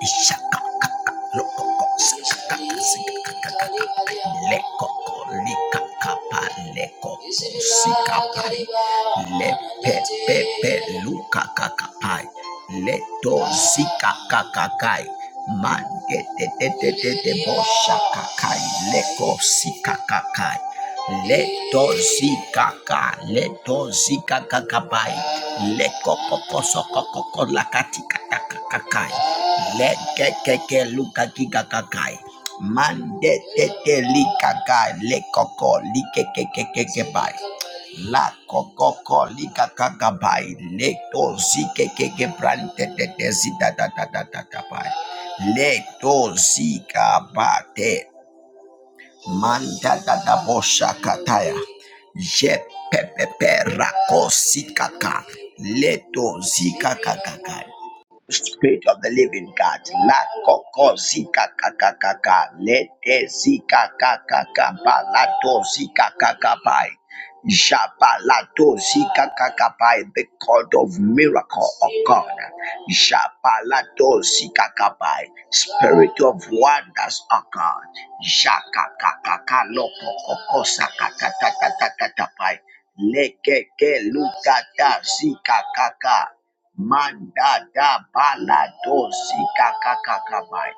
Ishakaka, lokoko, sakaka, sikakaka, lekoko, likakapa, lekoko, sikapai, lepepepe, lukakakapai, leto, sikakakakai, mandetetetetete, boshakakai, leko, sikakakai. Leto zikaka, leto zikakakabai, lekokokosokokoko lakatikatakakai, lekekeke lukakikakai, mandetete likakai, lekoko likekekekekebai, lakokoko likakakabai, leto zikekeke brantetete zidadadadadadabai, leto zikabate Manda da da bosha kataya. Je pepepe rakosi kaka. Leto zika kaka. Spirit of the living God, la koko zika kaka kaka, lete zika kaka kapa, la to zika kaka pai, japa la to zika kaka pai, the God of miracle of God, japa la to zika kaka pai, Spirit of wonders of God, jaka kaka kaka loko koko saka kaka kaka kaka pai, leke ke luka ta zika kaka. Manda da balado zika kakakabai.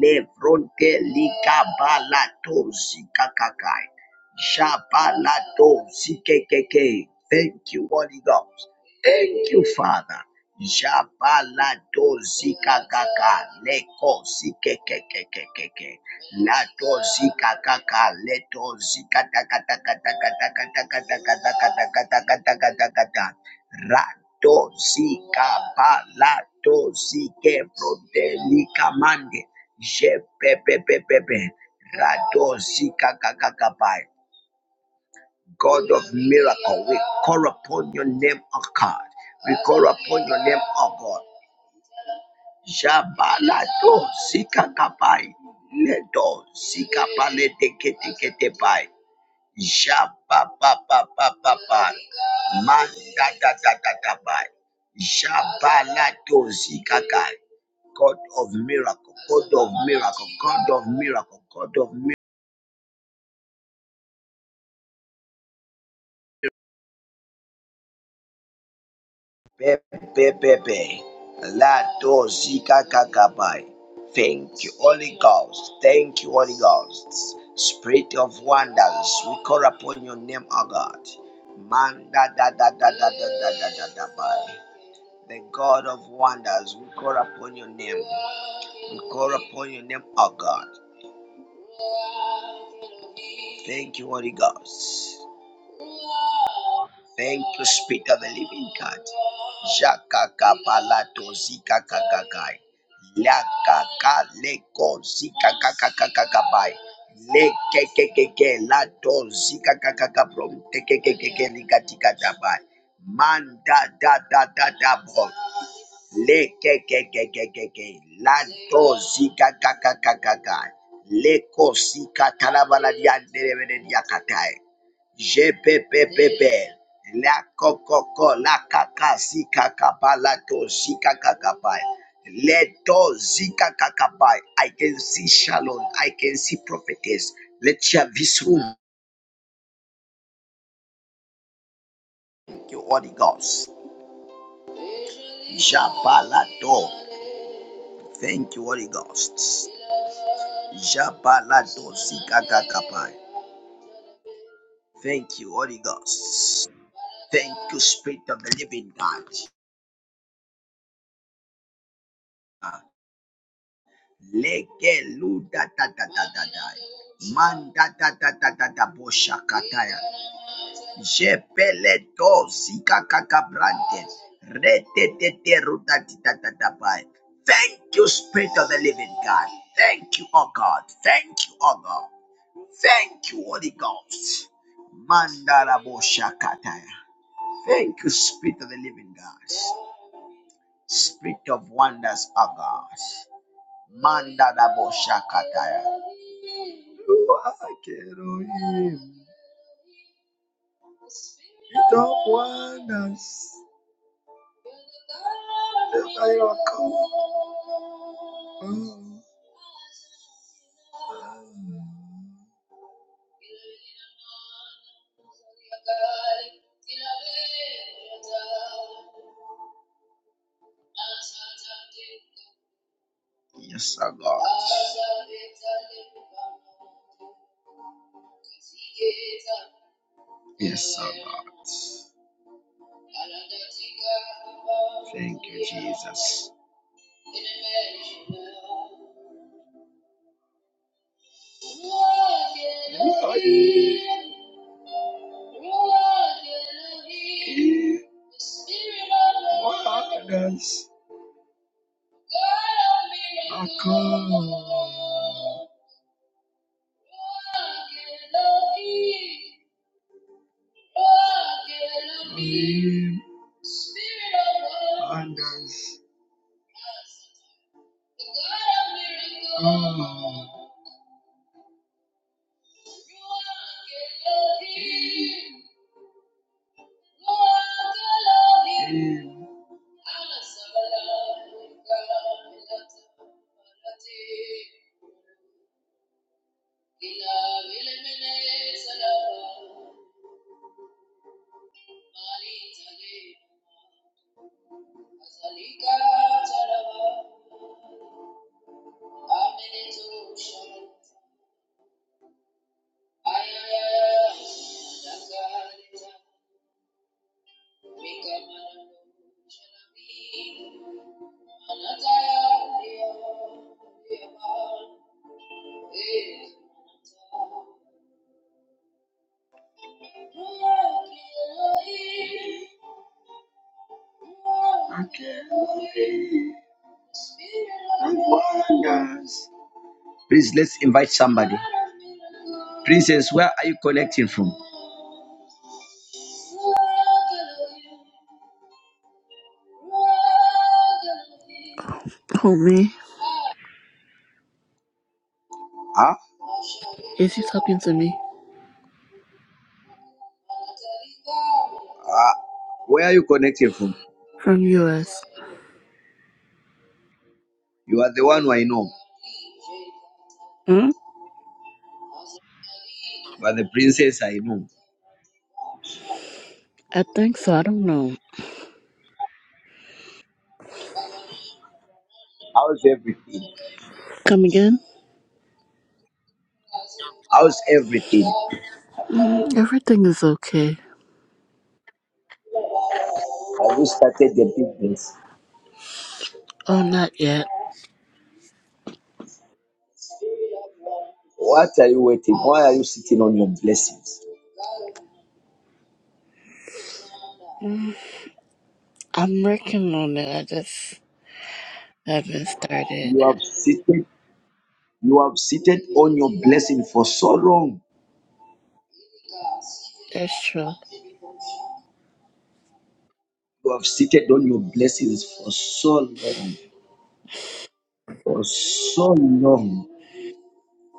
Levronte lika balado zika kakai. Jabalado zikekeke. Thank you, Holy Ghost. Thank you, Father. Jabalado zika kaka. Leko zikekekekeke. Lato zika kaka. Leto zika taka taka taka taka taka taka taka taka taka taka taka. Rato zika balato zike prodeli kamande. Je pepepepepe. Rato zika kakakabai. God of miracle, we call upon your name, O God. We call upon your name, O God. Jabalato zika kabai. Leto zika pale teke teke tebai. Jababababababa. Manda da da da da ba. Jaba la dozi kakai. God of miracle, God of miracle, God of miracle, God of miracle. Pepe. la dozi kakabai. Thank you, Holy Ghost. Thank you, Holy Ghost. Spirit of wonders, we call upon your name, O God. Manda da da da da da da da da da ba. the God of wonders. We call upon your name. We call upon your name, our God. Thank you, Holy Ghost. Thank you, Spirit of the Living God. Shakaka palato zika kakakai. Lakaka leko zika kakakakakai. Lekekekeke lato zika kakakaprom tekekekeke likatika dabai. Manda da da da da bo. Le ke ke ke Lekekekekekeke. Lanto zika kaka kaka ka. ka ka Leko sika talabala diandelebele diakatai. Jepepepepe. La kokoko la ka ka zika kabala to zika kakabai. Leto zika kakabai. I can see Shalom. I can see prophetess. Let's share this room. Thank you, Holy Ghost. Jabalato. Thank you, Holy Ghost. Thank you, Holy Ghost. Thank you, Spirit of the Living God. Ah, legeludadadadadadai. Mandadadadadadaboshakataya. Jebeledozikakakabrante. Reteteterudadidadadabai. Thank you, Spirit of the Living God. Thank you, O God. Thank you, O God. Thank you, Holy Ghost. Mandaraboshakataya. Thank you, Spirit of the Living God. Spirit of wonders, O God. Manda da bo shakataya. You are Elohim. Spirit of wonders. The Miracle. Mm. Yes, O God. Yes, O God. Thank you, Jesus. Glory. Walk with us. According and us. Oh, in according. And wonders. Please let's invite somebody. Princess, where are you connecting from? Homie, Huh? is you talking to me Uh, where are you connecting from? from US? You are the one who I know. Hmm? You are the princess I know. I think so. I don't know. How's everything? Come again? How's everything? Mm, everything is okay. Have you started the business? Oh, not yet. What are you waiting? Why are you sitting on your blessings? Mm, I'm working on it. I just haven't started. You have seated, you have seated on your blessing for so long. That's true. You have seated on your blessings for so long, for so long,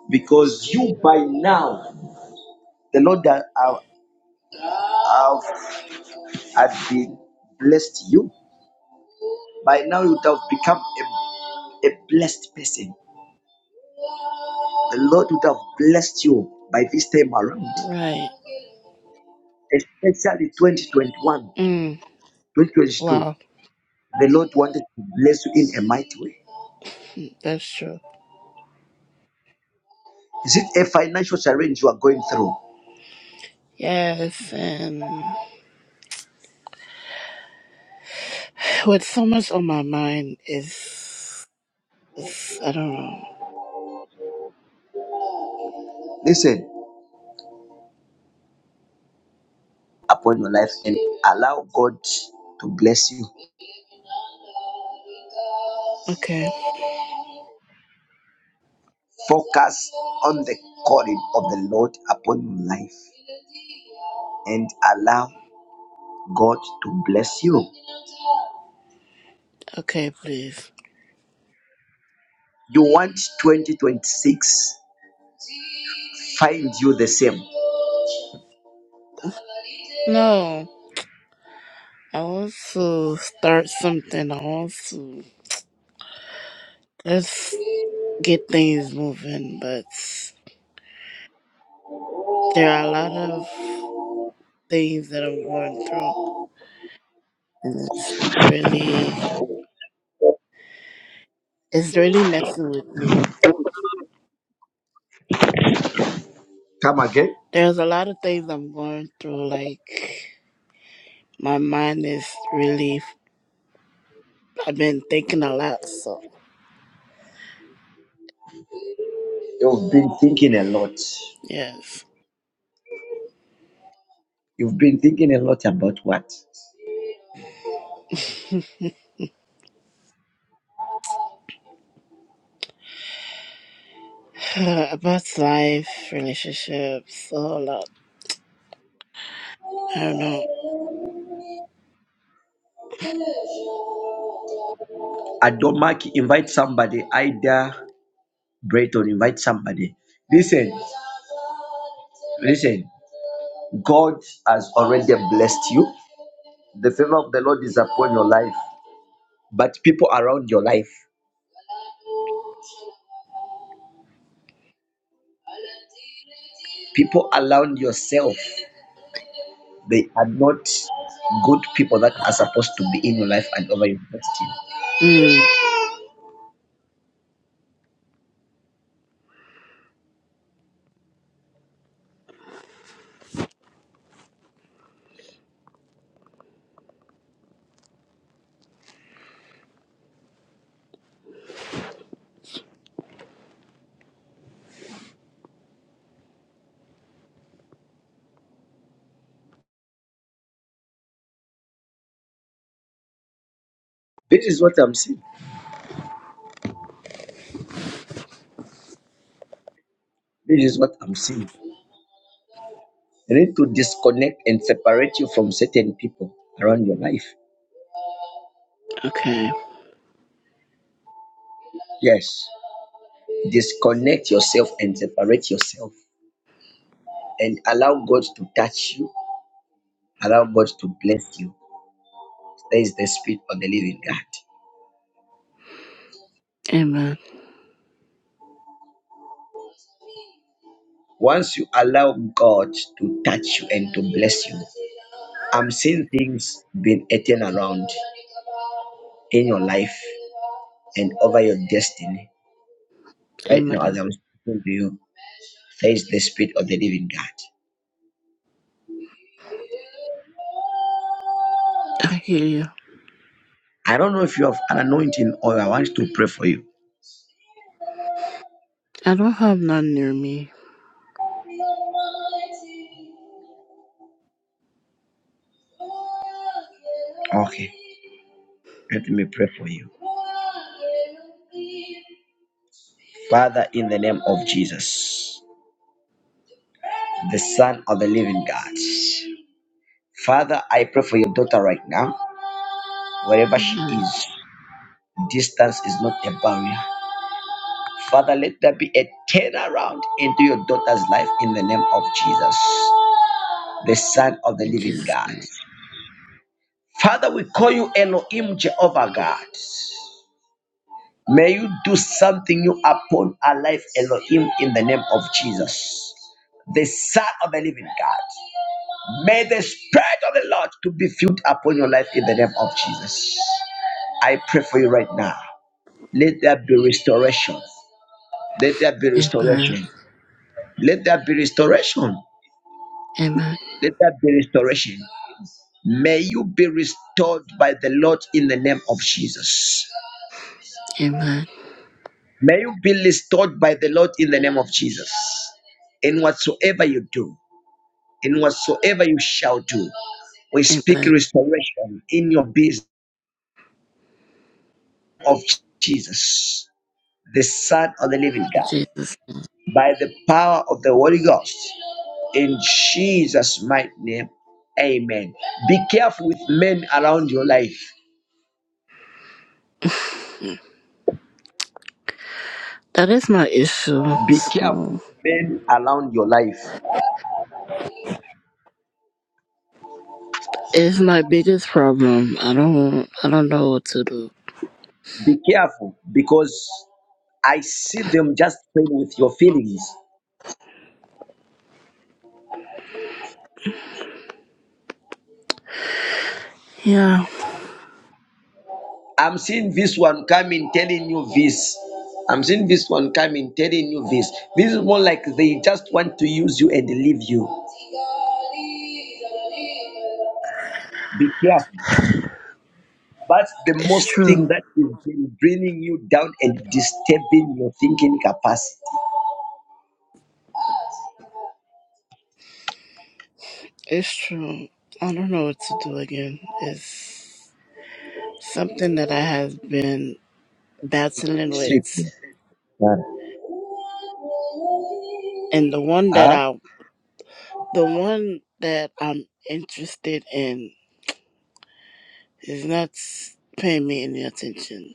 because you by now, the Lord that have have have been blessed you. By now, you would have become a, a blessed person. The Lord would have blessed you by this time around, Right. especially 2021. Mm, 2022, wow, the Lord wanted to bless you in a mighty way. that's true. Is it a financial challenge you are going through? Yes, and with so much on my mind is, is I don't know. Listen upon your life and allow God to bless you. Okay, Focus on the calling of the Lord upon your life and allow God to bless you. okay, please. You want 2026, find you the same. No, I want to start something. I want to. That's get things moving, but there are a lot of things that I'm going through, and it's really it's really messing with me. Come again. There's a lot of things I'm going through, like my mind is really. I've been thinking a lot, so You've been thinking a lot. yes, You've been thinking a lot about what? about life, relationships, a whole lot. I don't know. Adomaki, invite somebody either Breton, invite somebody. Listen, listen. God has already blessed you. The favor of the Lord is upon your life. But people around your life, people around yourself, they are not good people that are supposed to be in your life and over your destiny. Mm, This is what I'm seeing. This is what I'm seeing. You need to disconnect and separate you from certain people around your life. okay. Yes. Disconnect yourself and separate yourself and allow God to touch you Allow God to bless you. There is the spirit of the living God. Amen. Once you allow God to touch you and to bless you, I'm seeing things being eaten around in your life and over your destiny. Right now, as Amen. I'm speaking to you, there is the spirit of the living God. I hear you. I don't know if you have an anointing oil. I want to pray for you. I don't have none near me. Okay, let me pray for you. Father, in the name of Jesus, the Son of the living God. Father, I pray for your daughter right now, wherever she Amen. is. Distance is not a barrier. Father, let there be a turnaround into your daughter's life in the name of Jesus, the Son of the In Living Jesus' God. name. Father, we call you Elohim Jehovah God. May you do something new upon our life, Elohim, in the name of Jesus, the Son of the Living God. May the Spirit of the Lord to be filled upon your life in the name of Jesus. I pray for you right now. Let there be restoration. Let there be Amen. restoration. Let there be restoration. Amen. Let there be restoration. May you be restored by the Lord in the name of Jesus. Amen. May you be restored by the Lord in the name of Jesus. In whatsoever you do, in whatsoever you shall do, we speak Amen. restoration in your business of Jesus. the Son of the Living God, Jesus. by the power of the Holy Ghost. In Jesus' mighty name, amen. Be careful with men around your life. That is my issue. Be careful So with men around your life. it's my biggest problem. I don't I don't know what to do. Be careful because I see them just playing with your feelings. Yeah, I'm seeing this one coming telling you this. I'm seeing this one coming telling you this. This is more like they just want to use you and leave you. Be careful. That's the it's most true. thing that is been bringing you down and disturbing your thinking capacity. It's true. I don't know what to do again. It's something that I have been battling Sleep. with. ah? And the one that Huh? I the one that I'm interested in is not paying me any attention.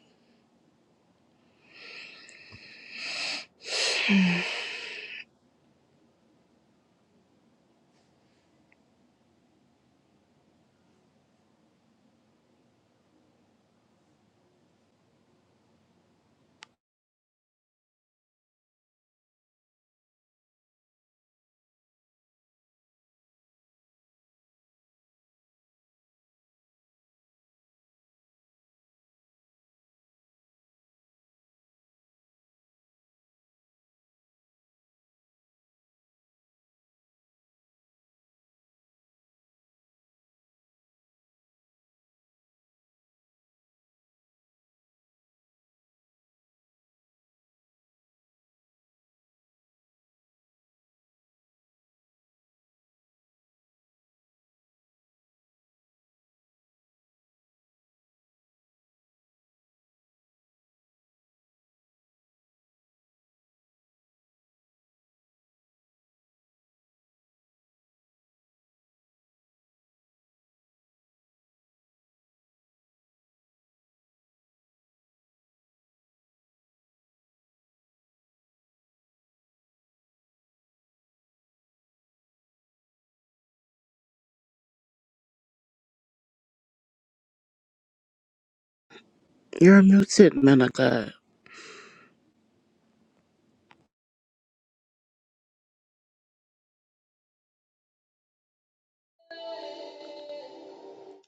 You're muted, man of God.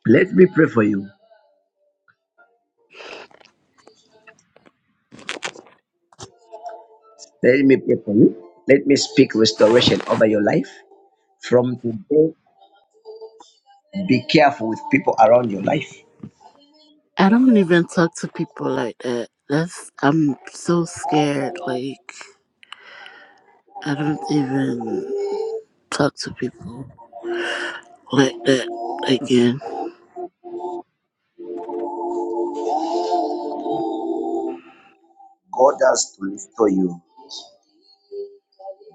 Let me pray for you. Let me pray for you. Let me speak restoration over your life. From today, be careful with people around your life. I don't even talk to people like that. That's I'm so scared. Like I don't even talk to people like that again. God has to restore you.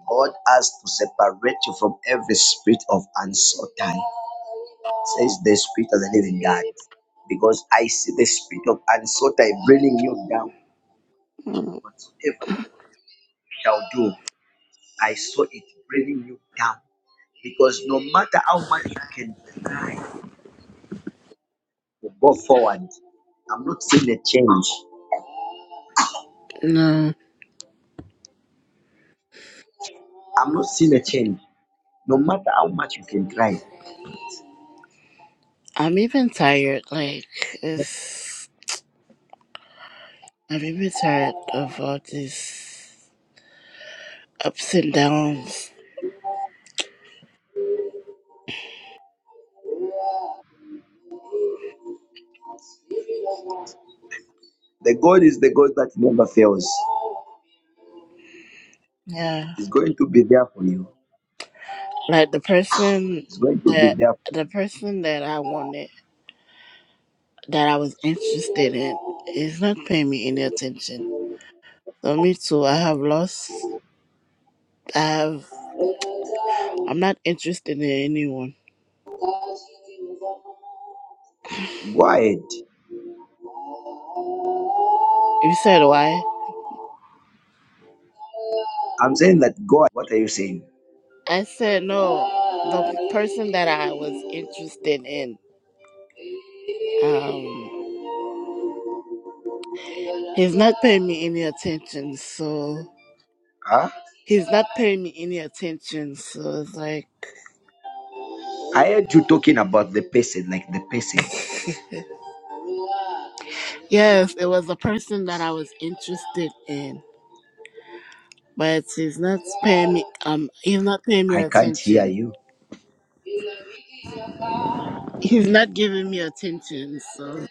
God has to separate you from every spirit of uncertainty, says the spirit of the living God. Because I see the spirit of uncertainty bringing you down. Whatsoever. shall do. I saw it bringing you down because no matter how much you can try to go forward, I'm not seeing a change. No, I'm not seeing a change. No matter how much you can try, I'm even tired. Like it's I'm even tired of all these ups and downs. the God is the God that never fails. Yeah, He's going to be there for you. like the person He's going to be that there. the person that I wanted that I was interested in is not paying me any attention. So me too. I have lost. I have I'm not interested in anyone. Go ahead. You said why? I'm saying that God. What are you saying? I said no. The person that I was interested in, um, he's not paying me any attention. So Huh? he's not paying me any attention. So it's like, I heard you talking about the person, like the person. yes, it was the person that I was interested in, but he's not paying me. Um, he's not paying me I can't hear attention. you. He's not giving me attention. So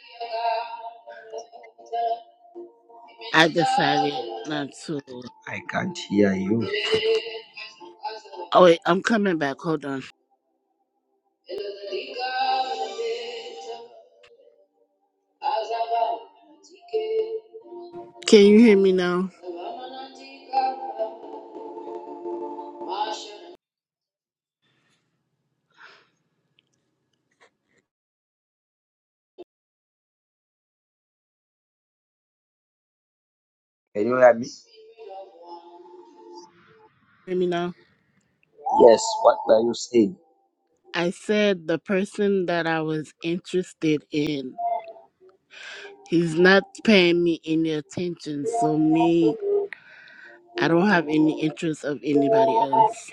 I decided not to. I can't hear you. Oh wait, I'm coming back. Hold on. Can you hear me now? Can you hear me? Hear me now? Yes, what were you saying? I said the person that I was interested in, he's not paying me any attention. So me, I don't have any interest of anybody else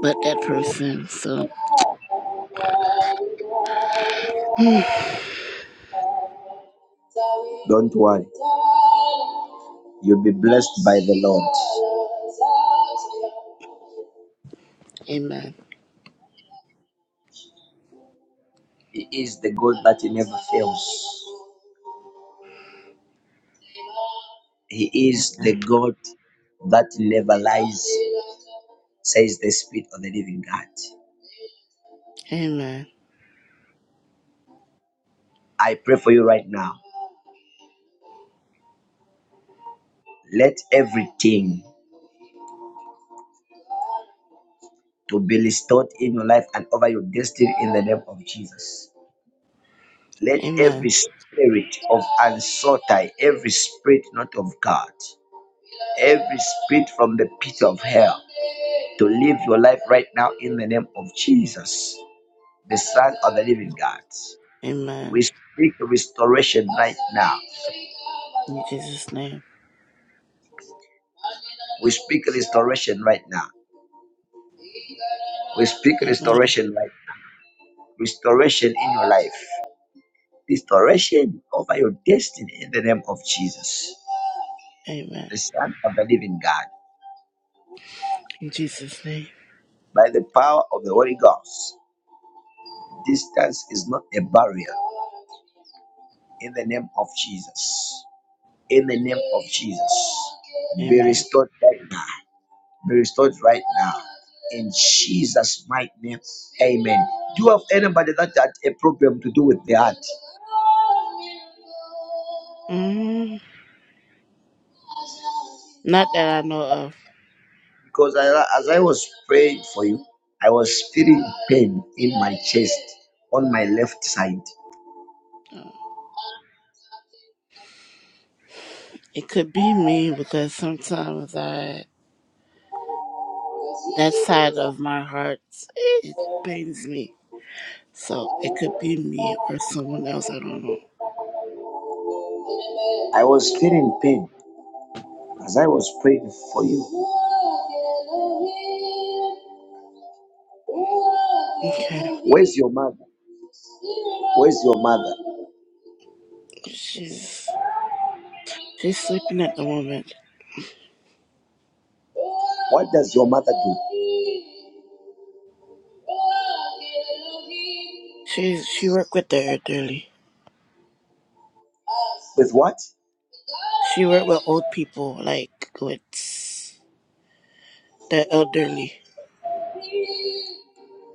but that person. So, amen. Don't worry, you'll be blessed by the Lord. Amen. He is the God that never fails, He is the God that never lies, says the Spirit of the living God. Amen. I pray for you right now. Let everything to be restored in your life and over your destiny in the name of Jesus. Let Amen. every spirit of unsortie, every spirit not of God, every spirit from the pit of hell to live your life right now in the name of Jesus, the Son of the Living God. Amen. We speak restoration right now. In Jesus' name. We speak restoration right now. We speak Amen. restoration right now. Restoration in your life. Restoration over your destiny in the name of Jesus, Amen. the Son of the Living God, In Jesus' name. by the power of the Holy Ghost. Distance is not a barrier in the name of Jesus. In the name of Jesus. Be Amen. restored right now. Be restored right now. In Jesus' mighty name. Amen. Do you have anybody that had a problem to do with the heart? Mm, not that I know of. Because I, as I was praying for you, I was feeling pain in my chest on my left side. Uh, It could be me because sometimes I That side of my heart, it pains me. So it could be me or someone else. I don't know. I was feeling pain as I was praying for you. Okay, Where's your mother? Where's your mother? she's she's sleeping at the moment. What does your mother do? She's she work with the elderly. With what? She work with old people, like with the elderly.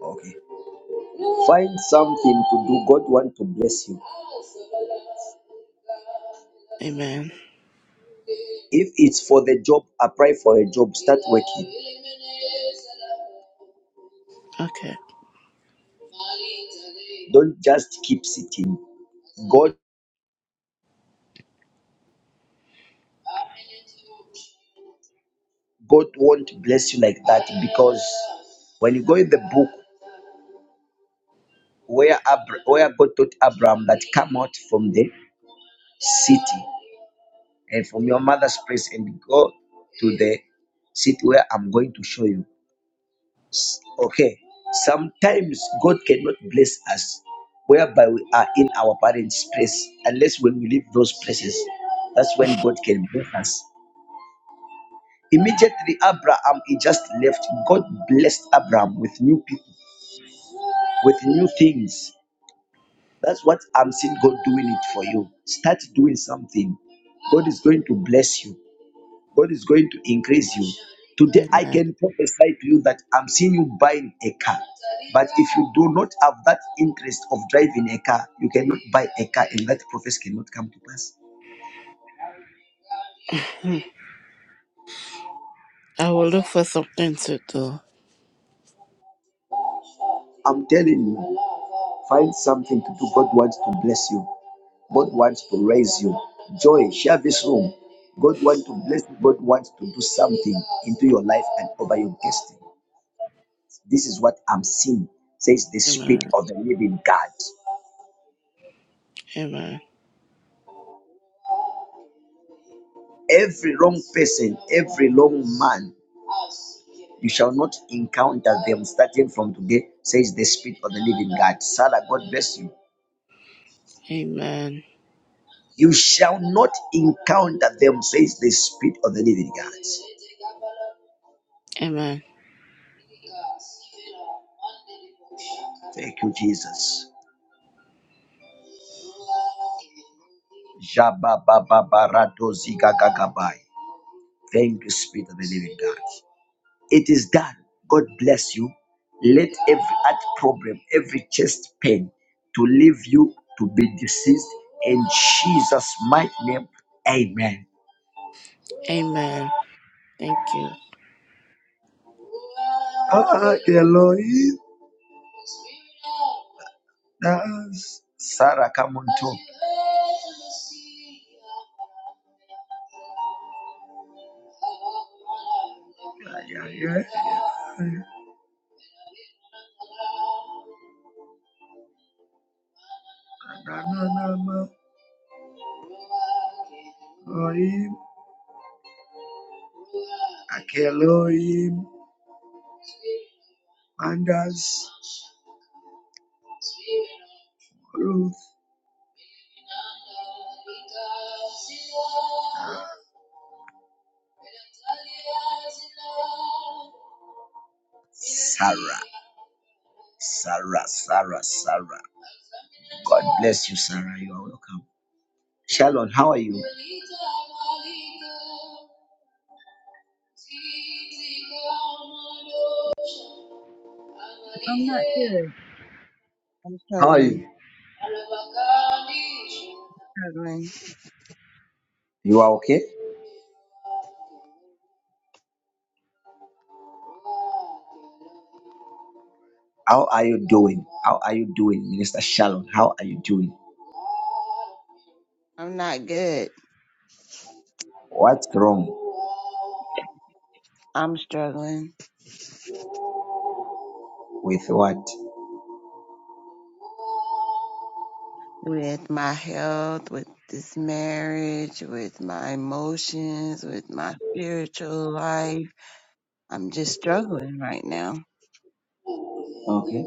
Okay. Find something to do. God want to bless you. Amen. If it's for the job, apply for a job. Start working. Okay. Don't just keep sitting. God, God won't bless you like that because when you go in the book where Abra- where God taught Abraham that come out from the city and from your mother's place and go to the seat where I'm going to show you. Okay. Sometimes God cannot bless us whereby we are in our parents' place unless when we leave those places, that's when God can bless us. Immediately, Abraham he just left. God blessed Abraham with new people, with new things. That's what I'm seeing God doing it for you. Start doing something. God is going to bless you. God is going to increase you. Today, I Amen. can prophesy to you that I'm seeing you buying a car. But if you do not have that interest of driving a car, you cannot buy a car, and that prophecy cannot come to pass. Hmm. I will look for something to do. I'm telling you, find something to do. God wants to bless you, God wants to raise you. Joy, share this room. God wants to bless you, God wants to do something into your life and over your destiny. This is what I'm seeing, says the Spirit Amen. of the living God. Amen. Every wrong person, every wrong man, you shall not encounter them starting from today, says the Spirit of the Living God. Sarah, God bless you. Amen. You shall not encounter them, says the Spirit of the Living God. Amen. Thank you, Jesus. Thank you, Spirit of the Living God. It is done. God bless you. Let every heart problem, every chest pain to leave you to be deceased in Jesus' mighty name. Amen. Amen. Thank you. Ah, Elohim, that's Sarah, come on top. Yeah, yeah, yeah. Na, na, na, na. Elohim, Akelohim, Mandas, Ruth, Sarah. Sarah, Sarah, Sarah. God bless you, Sarah. You are welcome. Shalom, how are you? I'm not good. I'm How are struggling, you? struggling. You are okay? How are you doing? How are you doing, Minister Shalom? How are you doing? I'm not good. What's wrong I'm struggling with what? with my health, with this marriage, with my emotions, with my spiritual life. I'm just struggling right now. Okay.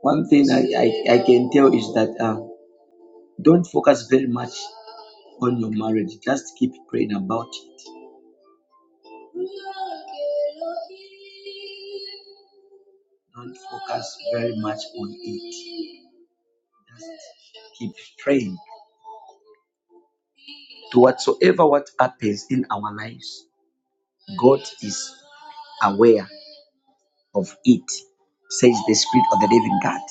One thing I, I, I can tell is that uh, don't focus very much on your marriage. Just keep praying about it. Don't focus very much on it. Just keep praying. To whatsoever what happens in our lives, God is aware of it, says the Spirit of the Living God.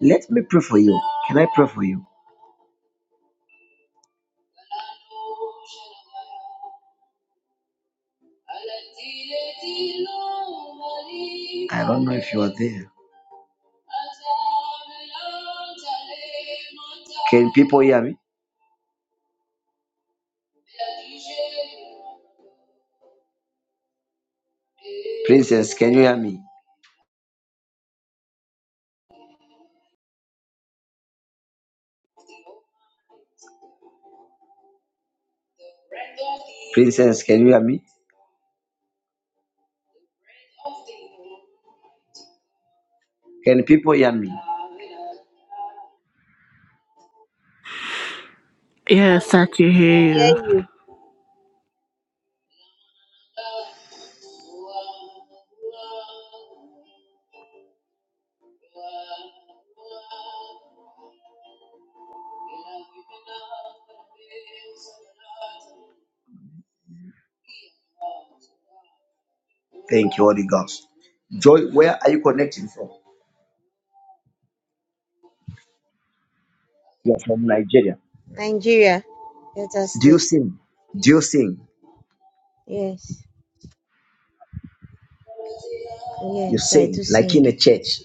Let me pray for you. Can I pray for you? I don't know if you are there. Can people hear me? Princess, can you hear me? Princess, can you hear me? Can people hear me? Yes, I can hear hear you. you. Thank you, Holy Ghost. Joy, where are you connecting from? You're from Nigeria. Nigeria, Delta Do you State. sing? Do you sing? Yes, You yes, I do sing like sing. in a church.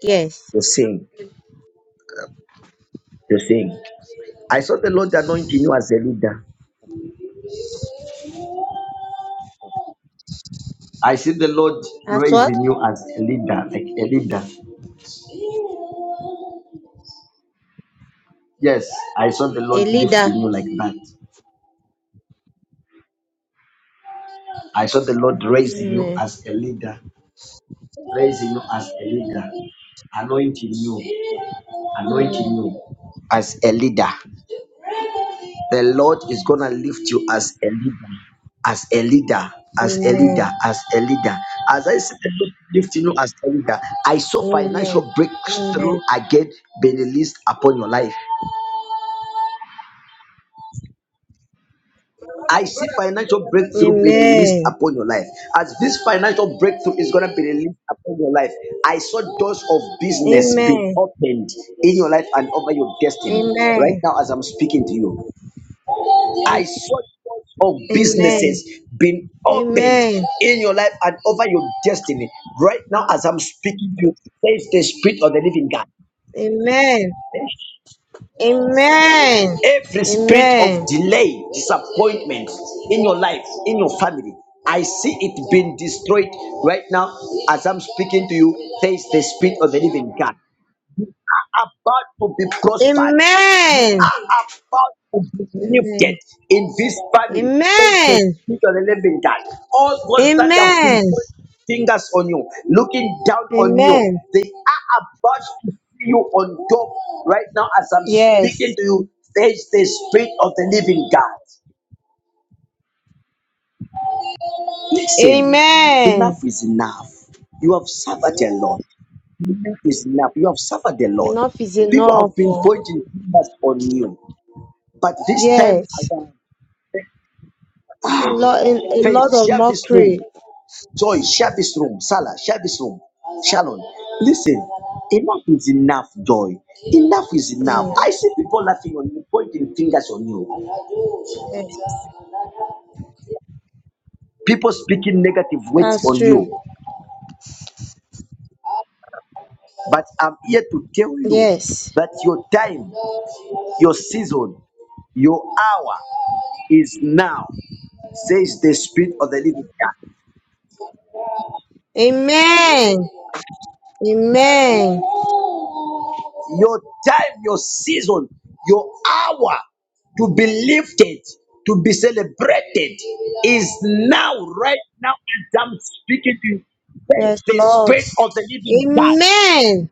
Yes. You sing. You sing. I saw the Lord anointing you as a leader. I see the Lord As what? raising you as a leader, like a leader. Yes, I saw the A Lord leader. lifting you like that. I saw the Lord raising you Amen. as a leader, raising you as a leader, anointing you. anointing Amen. you as a leader. The Lord is gonna lift you as a leader, as a leader, as a leader, Amen. as a leader. As I said, the Lord is lifting you as a leader. I saw Amen. financial breakthrough again being released upon your life. I see financial breakthrough being released Amen. upon your life. As this financial breakthrough is gonna be released upon your life, I saw doors of business being Amen. opened in your life and over your Amen. destiny right Amen. now as I'm speaking to you. I A- saw doors of Amen. businesses being Amen. Amen. opened in your life and over your destiny. Right now, as I'm speaking to you, says the spirit of the living God. Amen. Every spirit of Amen. delay, disappointment in your life, in your family, I see it being destroyed right now as I'm speaking to you. Says the spirit of the living God. You are about to be prospered. You Amen. are about to be lifted Amen. in this family. Thank Amen. the Spirit of the living God. All those that have been Amen. putting fingers on you, looking down on Amen. you, they are about to see you on top right now as I'm Yes. speaking to you. Face the Spirit of the living God. Listen, enough Amen. is enough. You have suffered a lot. Enough is enough. You have suffered a lot. Enough is People enough. have been oh. pointing fingers on you. But this time Yes. around, A lot, a Faith, lot of share this mockery. room. Joy, share this room. Salah, share this room. Shalom. Listen, enough is enough, Joy. Enough is enough. Mm, I see people laughing on you, pointing fingers on you, Yes. people speaking negative words That's on true. you. But I'm here to tell you Yes. that your time, your season, your hour is now, says the Spirit of the Living God. Amen. Amen. your time, your season, your hour to be lifted, to be celebrated is now, right now, as I'm speaking to you. Thank Yes, the Lord. Spirit of the Living God Amen.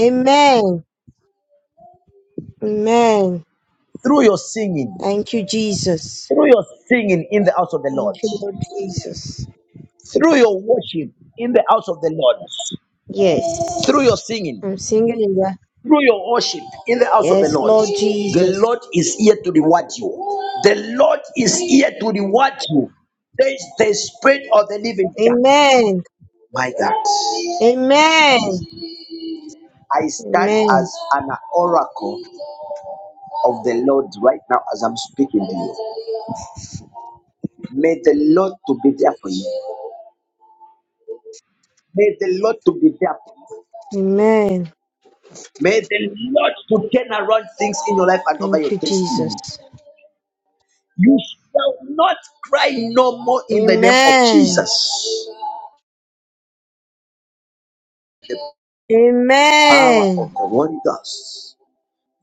Amen. Amen. through your singing, Thank you, Jesus. through your singing in the house of the Lord, Thank you, Lord Jesus. through your worship in the house of the Lord, through your Yes. singing. I'm singing in there. through your worship in the house of the Yes, Lord. Lord The Jesus. Lord is here to reward you. The Lord is here to reward you. There is the spirit of the living God. Amen. My God, Amen. I stand Amen. as an oracle of the Lord right now as I'm speaking to you. May the Lord to be there for you. May the Lord to be there for you. Amen. May the Lord to turn around things in your life and over Thank your you, Jesus. destiny. You shall not cry no more in the name of Amen. Jesus power Amen. of the Holy Ghost.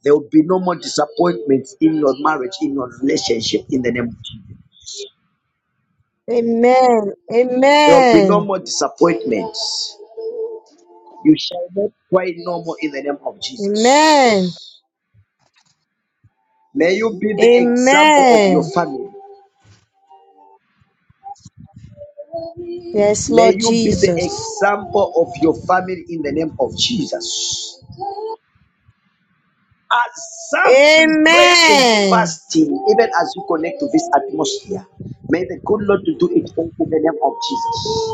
There will be no more disappointments in your marriage, in your relationship, in the name of Jesus. Amen. There will be no Amen. more disappointments. You shall not cry no more in the name of Amen. Jesus. May you be the example of your Amen. family. Yes, May Lord you be the Jesus. example of your family in the name of Jesus. As some in prayer and Amen. fasting, even as you connect to this atmosphere, may the good Lord do it all in the name of Jesus.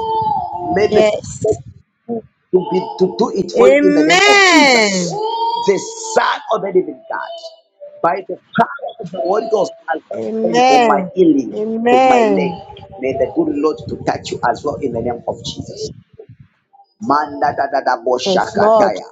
May the Yes. to be to do it for you in the name of Jesus, Amen. the Son of the Living God, by the power of the Holy Ghost, I come praying for my Amen. healing, for my leg. Amen. May the good Lord to touch you as well in the name of Jesus. Manda da da da bo Yes, shaka Lord. taya.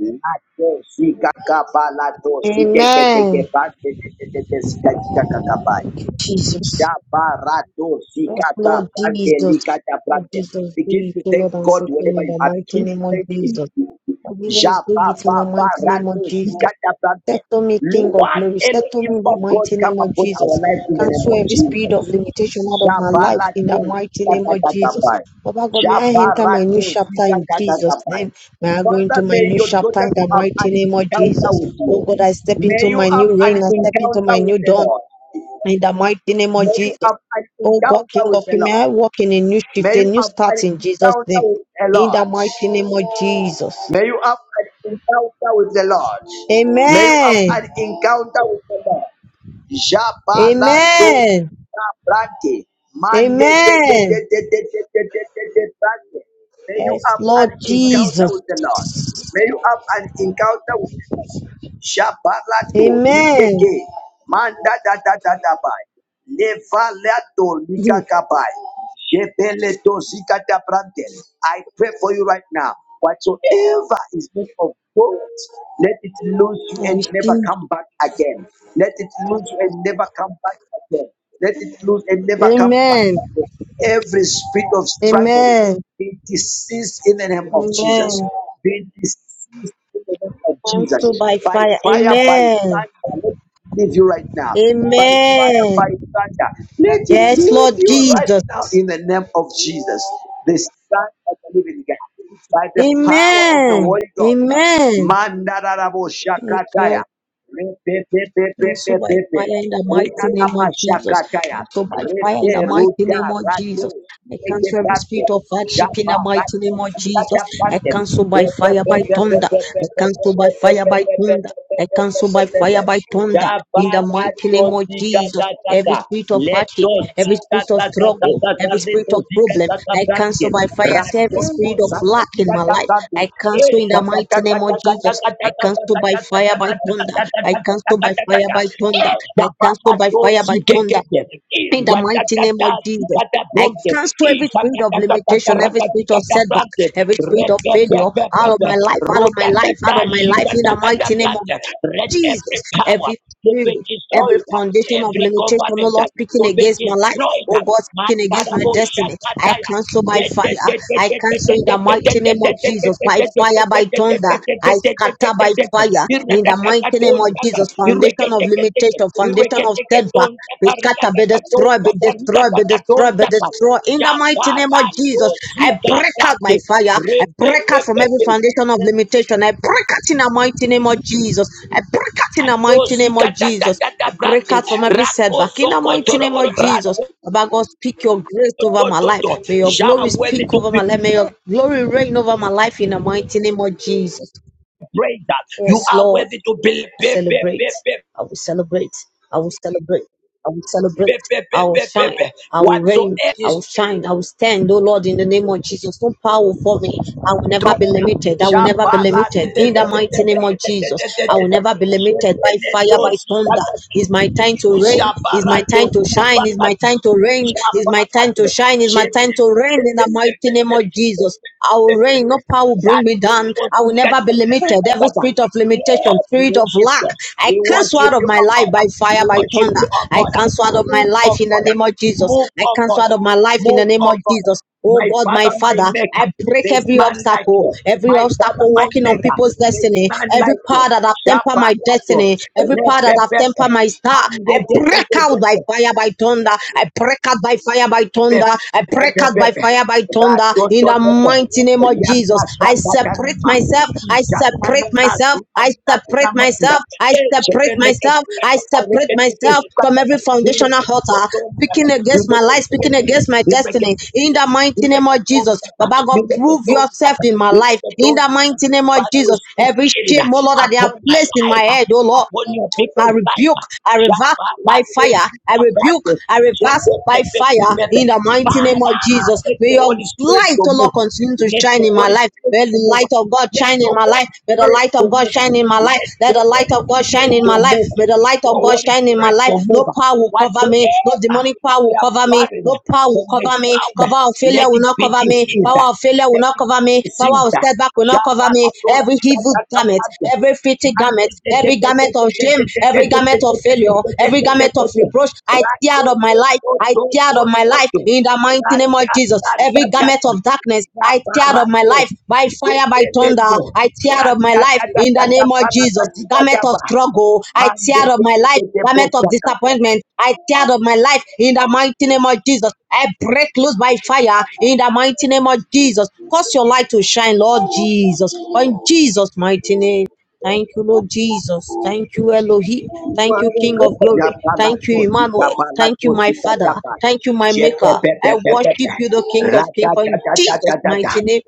Lato zika kabala zike ke ke Amen. ba de de de de zika kika kakabai. Jesus. Shabarado Yes, zikata Lord brante Jesus. likata Lord brante. Jesus, do Begin it, to O thank Lord, and God save me whenever in you the are. mighty Begin to name of thank Him. Jesus. Lord Jesus, do it in the mighty name Jababarato of Jesus. zikata brante. Settle me, King of Lord, glory. Settle Elohim me in the of God, mighty come name of upon our Jesus. lives in the name Cancel of every spirit Jesus. of limitation out of my life in the Jabalato mighty name of Jesus. zikatatabai. Baba God, may I enter my new Jabarato chapter in Jesus' zikatatabai. name. May I go into Father, my may new your chapter daughter in to the have mighty an name of encounter Jesus. with Oh you. God, I step May into you my have new an reign. I step into encounter my with new the dawn. Lord. In the mighty name of May you Jesus. have an Oh God, encounter King with of the Kings, may I Lord. walk in a new shift, May a you new have an start in Jesus' encounter name. with the In the mighty Lord. name of Jesus. May you have an encounter with the Lord. May you have Amen. an encounter with the Lord. Jabalado Amen. Brante. Mande de de Amen. de de de de de de de de Brante. May you Yes, have Lord an encounter Jesus. with the Lord. May you have an encounter with. Shabalato Amen. likeke manda da da da da bai levalato I likakabai jebeleto zikata brante. I pray for you right now. Whatsoever is made of gold, let it lose you and receive. never come back again. Let it lose you and never come back again. Let it lose and never come back Amen. again. Every spirit of struggling Amen. be deceased in the name of Jesus. Amen. Be deceased in the name of Jesus. Also by By fire. fire, by Amen. thunder, let it leave you right now. By fire, Amen. by thunder, let it Yes, leave Lord you right Jesus. now in the name of Jesus, the Son of the Living God. By the power of the Amen. Holy Ghost, Amen. Mandarabo Yes, Shakataya. Lord. And so by fire in the mighty name of Jesus. And so by fire in the mighty name of Jesus. I cancel every spirit of hardship in the mighty name of Jesus. I cancel by fire, by thunder. I cancel by fire, by thunder. I cancel by fire, by thunder. In the mighty name of Jesus. Every spirit of Let hardship, those every spirit cicadas, of struggle, cicadas, every let spirit of those problem, cicadas I plant cancel it. by fire. Let Every those spirit of lack in my cicadas life, plant it. I Let cancel in those the mighty cicadas name plant of it. Let Jesus. I those cicadas cancel by plant fire, by thunder. I it. cancel by fire, by thunder. I cancel Let by those fire, by cicadas thunder. In the mighty name of Jesus. I cancel every spirit of limitation, plant every spirit of setback, it. every spirit of failure out of my life, out of my life, out of my life. In the mighty name of Let Jesus. every power Every to spirit, be every destroyed. foundation of Every limitation, oh covenant Lord, uh, speaking to be against my life, destroyed. oh God, speaking against my Mandarabo destiny, I Shakataya. cancel by fire. I cancel in the mighty name of Jesus, by fire, by thunder. I scatter by fire in the mighty name of Jesus. Foundation of limitation, foundation of setback, be scattered, be destroyed, be destroyed, be destroyed, be destroyed in the mighty name of Jabarato Jesus. I Sika break out Brante, by fire. I break out from every foundation of limitation. I break out in the mighty name of Jesus. I break out in the mighty Dozi name of kata tata Jesus. tata I break brante out from every rako setback in the soko mighty name toroboro of Jesus. rato Baba God, speak your grace over to my to to. life. May your You glory are worthy speak to over be my life. May your glory reign over my life in the mighty name of Jesus. praised. You Yes, are Lord worthy to be pe pe pe celebrate. pe I will celebrate. I will celebrate. I will pe celebrate. pe I pe will pe pe shine. pe. I will reign. Whatsoever I is will shine. I will stand, oh Lord, in the name of Jesus. No power for me. I will never strong. be limited. I will never be Jabala te limited. te In the te te mighty te name of te te te Jesus, te I te will te. never be limited by Jepele fire, by dosi thunder. kata It's my time to reign. It's my time Shabarato, to shine. It's my Shabarato, time to reign. It's my time to Shabarato, shine. It's my time to reign in the mighty name of Jesus. I will reign. Shepepepepepepepepepepepepe. No power will That bring me which down. was I will secret, never be limited. Lord, Every spirit of we limitation, spirit of worship lack, you. I We cancel worship out of you, my O life God. by fire, We by worship thunder. you, O I God. cancel out of my Move, O life in the God. name of Jesus. Move, I O God. cancel out of my life in the Move, name O of God. Jesus. Oh My God, my Father, my Father, Maker. I break There is every none like obstacle, you. every My Father, obstacle my walking on Maker. people's There is destiny, none every like you. power that have tempered my Yabalado, destiny, every power that have repepepe, tempered my star. mande de I de de break de out by de, fire, by thunder. I I break out by fire by thunder. I break out by pepepepepe, fire by thunder rato in to the to to, mighty name of riaka Jesus. I shaka separate kanuma, myself. I ijana na separate na myself. zuna I na na na separate manda, myself. I eche ke separate leke myself. I tukata, leke separate tuke myself from sukata, every foundational leke tuke altar tumba, speaking against my leke life, tuke speaking tuke, against my leke destiny. tuke In the tuke. You mighty You You name better You make a of Jesus, Baba God, prove tone yourself better. in my You life. make a In tone the better mighty name of Father, we Jesus, speak every healing shame, oh Lord, uh, that they have upon my placed in my life, uh, head, oh Lord. upon your I people's rebuke, life. I reverse by Jabalado, fire. I rebuke, Sikabrande, I reverse by fire Jepepepepepe. in the mighty name Father, of Jesus. let May your your Holy Spirit light, to O Lord, move. continue to Let shine your in my Holy life. Spirit May to the move. light of God Let shine in your my life. Holy May the Spirit light of to God move. shine in my life. Let Let your the light Holy of God shine Spirit in to my life. move. May the light The of God Holy shine in my Spirit to life. No move. power will cover me. No Whatsoever demonic power we will are cover me. buried No power will from the cover me. ground, Cover of let failure will it not be cover me. deceased. Power of failure will Let not it cover be me. Power of deceased. setback will not cover Shabala me. Every dosita evil da da da garment, da. every fitting Mande garment, de every garment of shame, every garment of failure, every garment of reproach. I tear out of my life. I tear out of my life in the mighty name of Jesus. Every garment of darkness, I tear out of my Rabarato, life by fire, by thunder. Shepeleko, I tear out of my life in the name of Jesus. Garment of Randatatatataparatatitagaba, struggle, I tear out of my life. Garment of Mandeteteteteposakata. disappointment, I tear out of my life in the mighty name of Jesus. I break loose by fire in the mighty name of Jesus. Cause your light to shine, Lord Jesus. In Jesus' mighty name. Thank you, Lord Jesus. Thank you, Elohim. Thank you, King of Glory. Thank you, Rabalato, Emmanuel. Thank you, Zitabalato, my Father. Zitataba, Thank you, my Maker. I worship Jepepepepepepe, you, the King of Kings, for in Jesus' Ratatatatata, mighty name.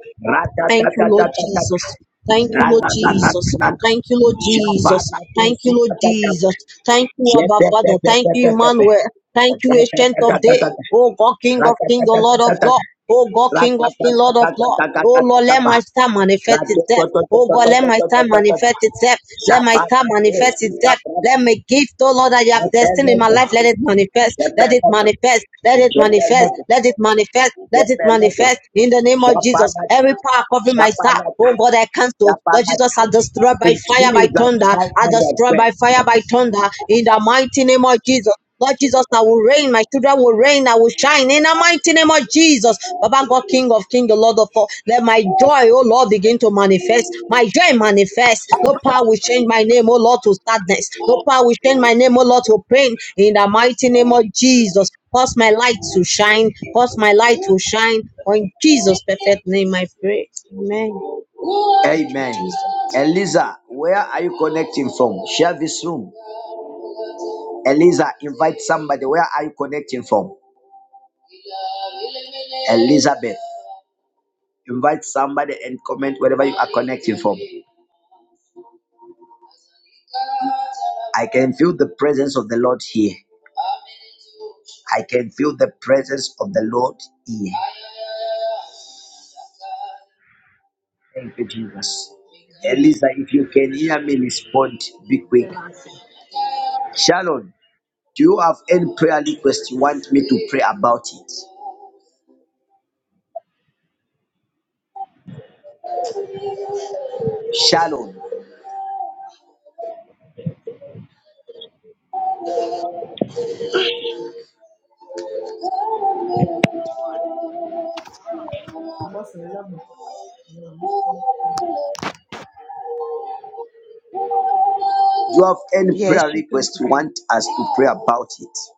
Thank you, Lord Ratatatatata, Jesus. Thank you, Lord Jesus. Rananananana, Thank you, Lord Jesus. Jabarato, Thank you, Lord Zitataba, Jesus. Thank you, Abba Father. Thank you, Jepepepepepepe. Emmanuel. Thank you, Ancient of Day. Ratatatatata, Oh God, King of King, the Lord of Ratatatatata, Lord. Oh God, King of King, Lord of Lord. Oh Lord, let Ratatatatatatatapa. my star manifest itself. Oh God, let my star Ratatatatatatatapa. manifest itself. Let my star Zapatatos, manifest kita itself. pran. Let my gift, oh Lord, that you have destined in my Zepeneto, life, let it manifest. Let it zepeneto, manifest. Let it manifest. zepeneto, Let it manifest. Let it zepeneto. manifest in the name of Jesus. Zapalata, Every power covering my star, zapalata, oh God, I cancel. Lord Jesus, zapalata. I destroy by In fire, by Jesus' thunder. mighty I name, I destroy pray. by fire, by thunder. In the mighty name of Jesus. Lord Jesus, I will reign. My children will reign. I will shine in the mighty name of Jesus. Baba God, King of King, the Lord of all. Let my joy, oh Lord, begin to manifest. My joy manifest. No power will change my name, oh Lord, to sadness. No power will change my name, oh Lord, to pain. In the mighty name of Jesus. Cause my light to shine. Cause my light to shine. For in Jesus' perfect name, I pray. Amen. Amen. Jesus. Eliza, where are you connecting from? Share this room. Eliza, invite somebody. Where are you connecting from? Elizabeth. Invite somebody and comment wherever you are connecting from. I can feel the presence of the Lord here. I can feel the presence of the Lord here. Thank you, Jesus. Elisa, if you can hear me, respond. Be quick. Shalom, do you have any prayer request you want me to pray about it? Shalom, do you have any Yes, prayer you can request you pray. want us to pray about it?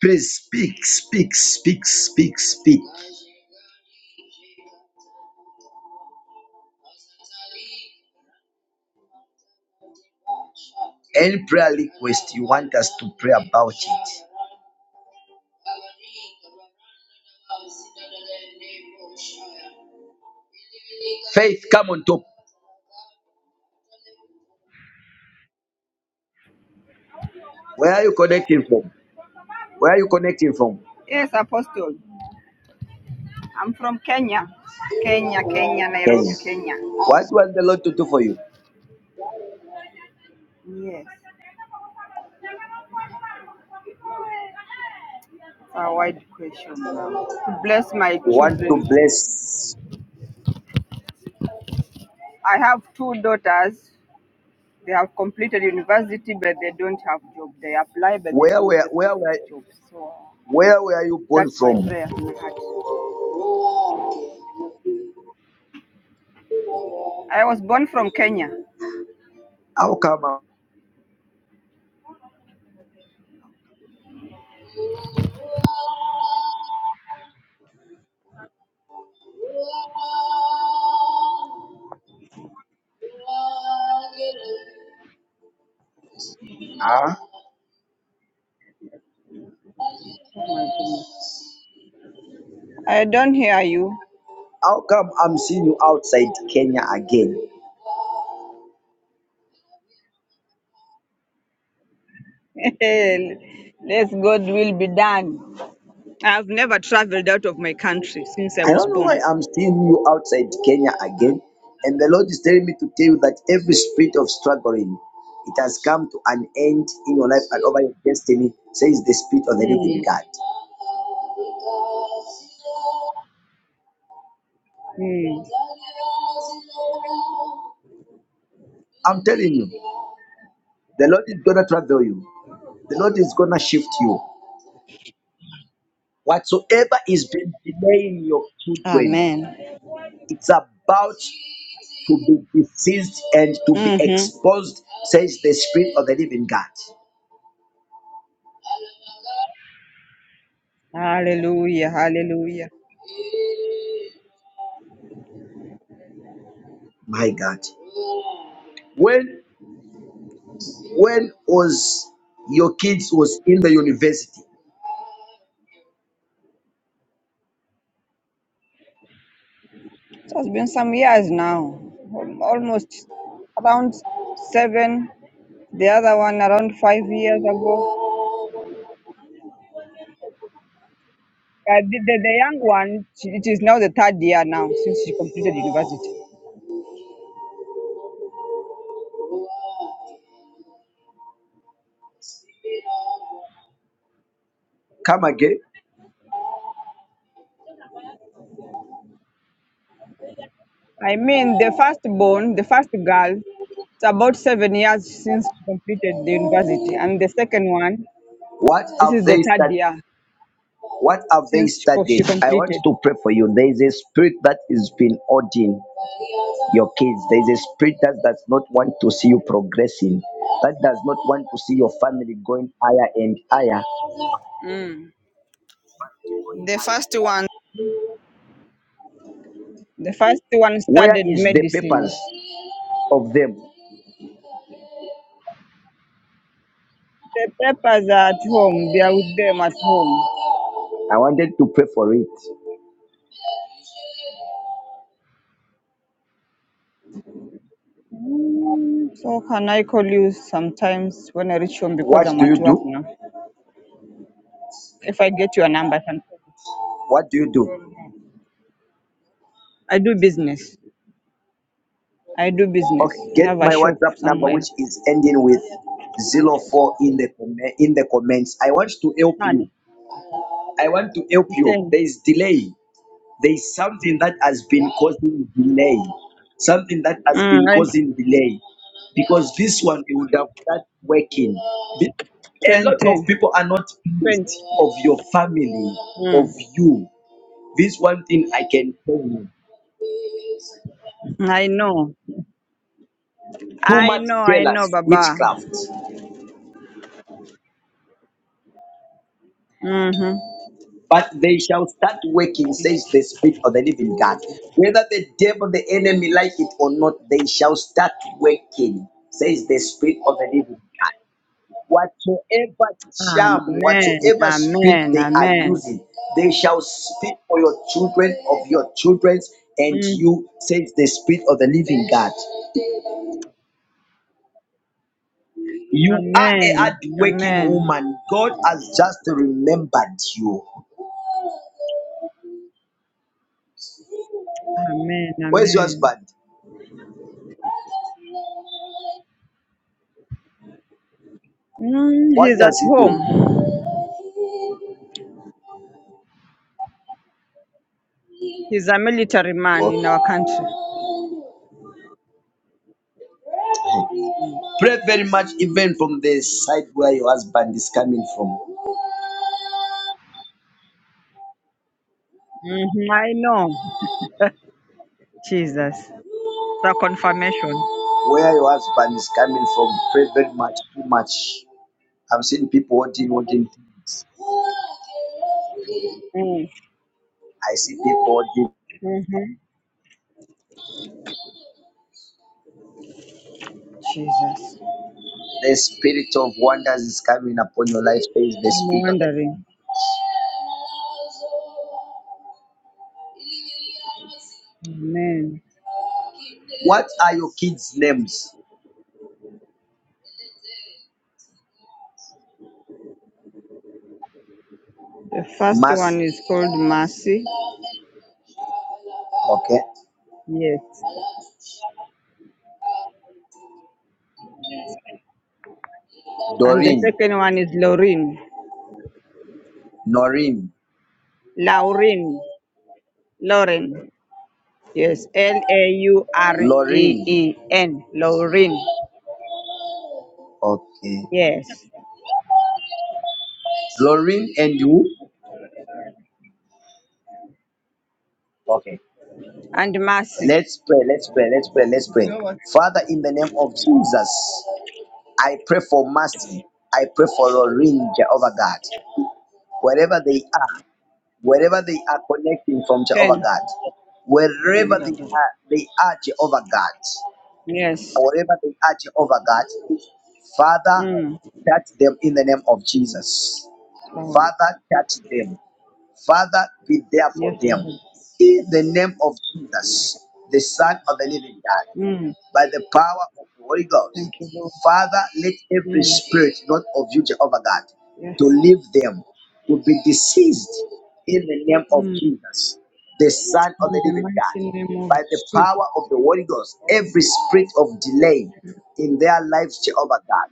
Please speak, speak, speak, speak, speak. Any prayer request you want us to pray about it. Faith, come on top. Where are you connecting from? Where are you connecting from? Yes, Apostle. I'm from Kenya. Kenya, Kenya, Nairobi, Kenya. Kenya. What was the Lord to do for you? Yes. It's a wide question now. To bless my You want to children. bless. I have two daughters. They have completed university, but they don't have job. They apply, but they Where don't were get where the were job. So uh, where were you born that's my from? prayer in my heart. I was born from Kenya. How come uh, huh? Oh my goodness. I don't hear you. how come I'm seeing you outside Kenya again? Let's God will be done. I've never traveled out of my country since I I was don't know born. why I'm seeing you outside Kenya again. And the Lord is telling me to tell you that every spirit of struggling, it has come to an end in your life and over your destiny, says the spirit of the living Hmm. God. Mm. I'm telling you, the Lord is gonna travel you. The Lord is gonna shift you. Whatsoever is been delaying your children, Amen. it's about to be diseased and to be Mm-hmm. exposed, says the Spirit of the Living God. Hallelujah. Hallelujah. My God. When when was your kids was in the university? It has been some years now, al- almost around seven. The other one around five years ago. Uh, the, the, the young one, she, it is now the third year now since she completed university. Come again. I mean, the firstborn, the first girl, it's about seven years since she completed the university. And the second one, What this is have the they third studied? year What have they since she, co- studied? she I want completed. to pray for you. There is a spirit that is been ordained. your kids. There is a spirit that does not want to see you progressing, that does not want to see your family going higher and higher. Mm. The first one. The first one Where studied is the medicine. purpose of them? The papers are at home, they are with them at home. I wanted to pray for it. Mm, So can I call you sometimes when I reach home because What I'm do at you work do? now? If I get your number, I can call you. What do you do? I do business. I do business. Okay, I get have a my shop WhatsApp number, somewhere. which is ending with zero four in the com- in the comments. I want to help Ten. you. I want to help you. Ten. There is delay. There is something that has been causing delay, something that has been Mm, I, causing delay, because this one you would have started working. The- A ten, lot of ten. people are not Twenty. pleased of your family, of Mm. you. This one thing I can tell you. I know. Too I much know, I know, jealous, Baba. witchcraft Mm-hmm. but they shall start working, says the Spirit of the Living God. Whether the devil, the enemy like it or not, they shall start working, says the Spirit of the Living God. Whatsoever charm, Amen. whatsoever spirit Amen. they are Amen. using, they shall speak for your children, of your children's, and Mm-hmm. you, says the Spirit of the living God. You are a Amen. hard-working Amen. woman. God has just remembered you. Amen. Where's your Amen. husband? Mm, What he's at does he do? home. He's a military man in our country. Okay. Pray very much, even from the side where your husband is coming from. hmm I know. Jesus. The confirmation. Where your husband is coming from, pray very much, too much. I'm seeing people doing wooden things. Mm-hmm. I see people doing. Mm-hmm. Jesus. The spirit of wonders is coming upon your life. Says the I'm spirit of the. wondering. Amen. What are your kids' names? The first Mercy. one is called Mercy. Okay. Yes. And the Doreen. second one is Lauren. Noreen. Lauren. Lauren. Yes. L A U R E Loreen. E N. Lauren. Okay. Yes. Loreen and you. Okay. and mercy. Let's pray. Let's pray. Let's pray. Let's pray. Father, in the name of Jesus, I pray for mercy. I pray for Loreen, Jehovah God. wherever they are, wherever they are connecting from Jehovah Ten. God, wherever they are, they are Jehovah God, Yes. wherever they are Jehovah God, Father, Mm. touch them in the name of Jesus. Lord. Father, touch them. Father, be there Yes, for them. Lord. In the name of Jesus, the Son of the Living God Mm. by the power of the Holy Ghost. Thank you, Lord. Father, let every Mm. spirit not of you, Jehovah God, to Yes. leave them, to be deceased in the name of Mm. Jesus, the Son of In the the Living mighty God. name of By the Jesus. power of the Holy Ghost, every spirit of delay in their lives, Jehovah God,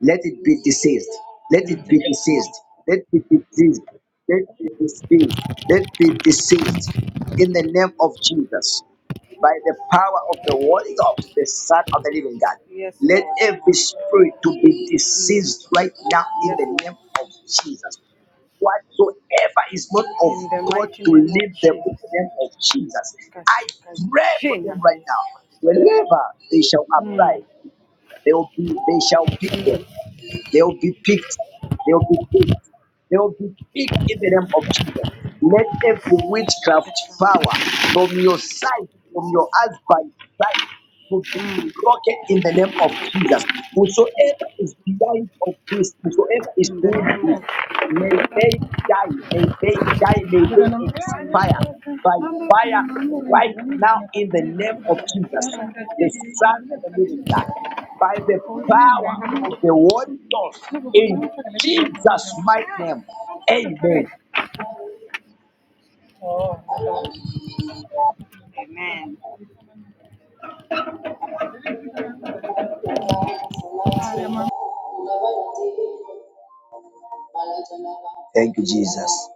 let it be deceased. Let it be deceased. Mm. Let it be deceased. Let it be deceased. Let it be deceased in the name of Jesus by the power of the Holy Ghost, the Son of the Living God. Yes, Let Lord. every spirit to be Mm. deceased right now in Yes, the Lord. name of Jesus. Whatsoever is not of In the God mighty to name of leave them Jesus. in the name of Jesus. I Katika pray for jina them la right Yesu now. Kristo. Wherever they shall apply, Mm. they will be, they shall pick them. They will be picked. They will be picked. They will be picked in the name of Jesus. Let every witchcraft power from your side, from your husband's side, to be broken in the name of Jesus. Whosoever is behind of this, whosoever is In the doing this, May they die. May they die. May they expire by fire right now in the name of Jesus, the Son of the Living God, by the name of power of the Holy Ghost in Jesus' mighty name. Amen. Amen. Thank you, Jesus.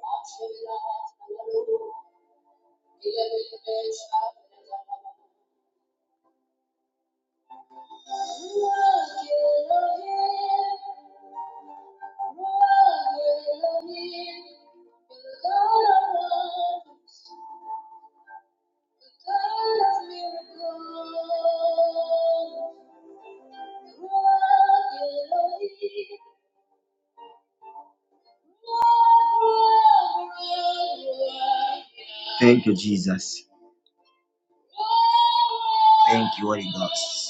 Thank you, Jesus. Thank you, Holy Ghost.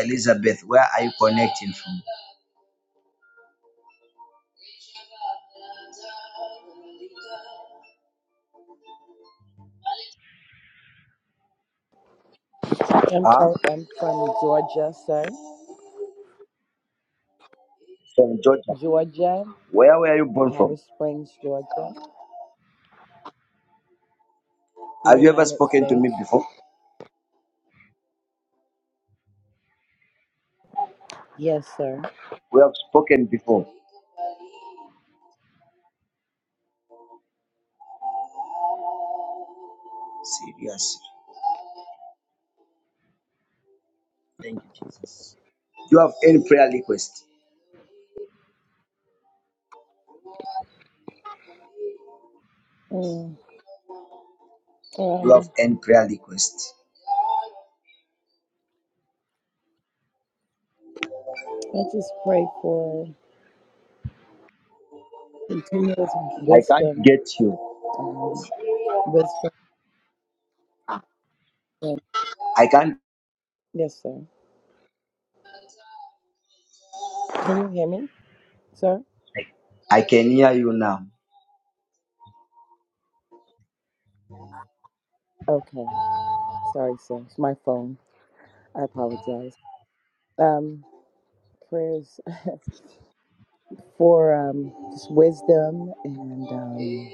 Elizabeth, where are you connecting from? I'm Ah, from, I'm from Georgia, sir. from Georgia. Georgia, Where were you born Powder from? Springs, Georgia, the Have you ever United spoken to me States. before? Yes, sir. We have spoken before. Seriously. Thank you, Jesus. Do you have any prayer request? Mm, Do you have um, any prayer request? I just pray for continuous I can't wisdom. get you. Um, wisdom. And, I can't. yes, sir. Can you hear me, sir? I can hear you now. Okay. Sorry, sir. It's my phone. I apologize. Um, prayers for um, just wisdom and um,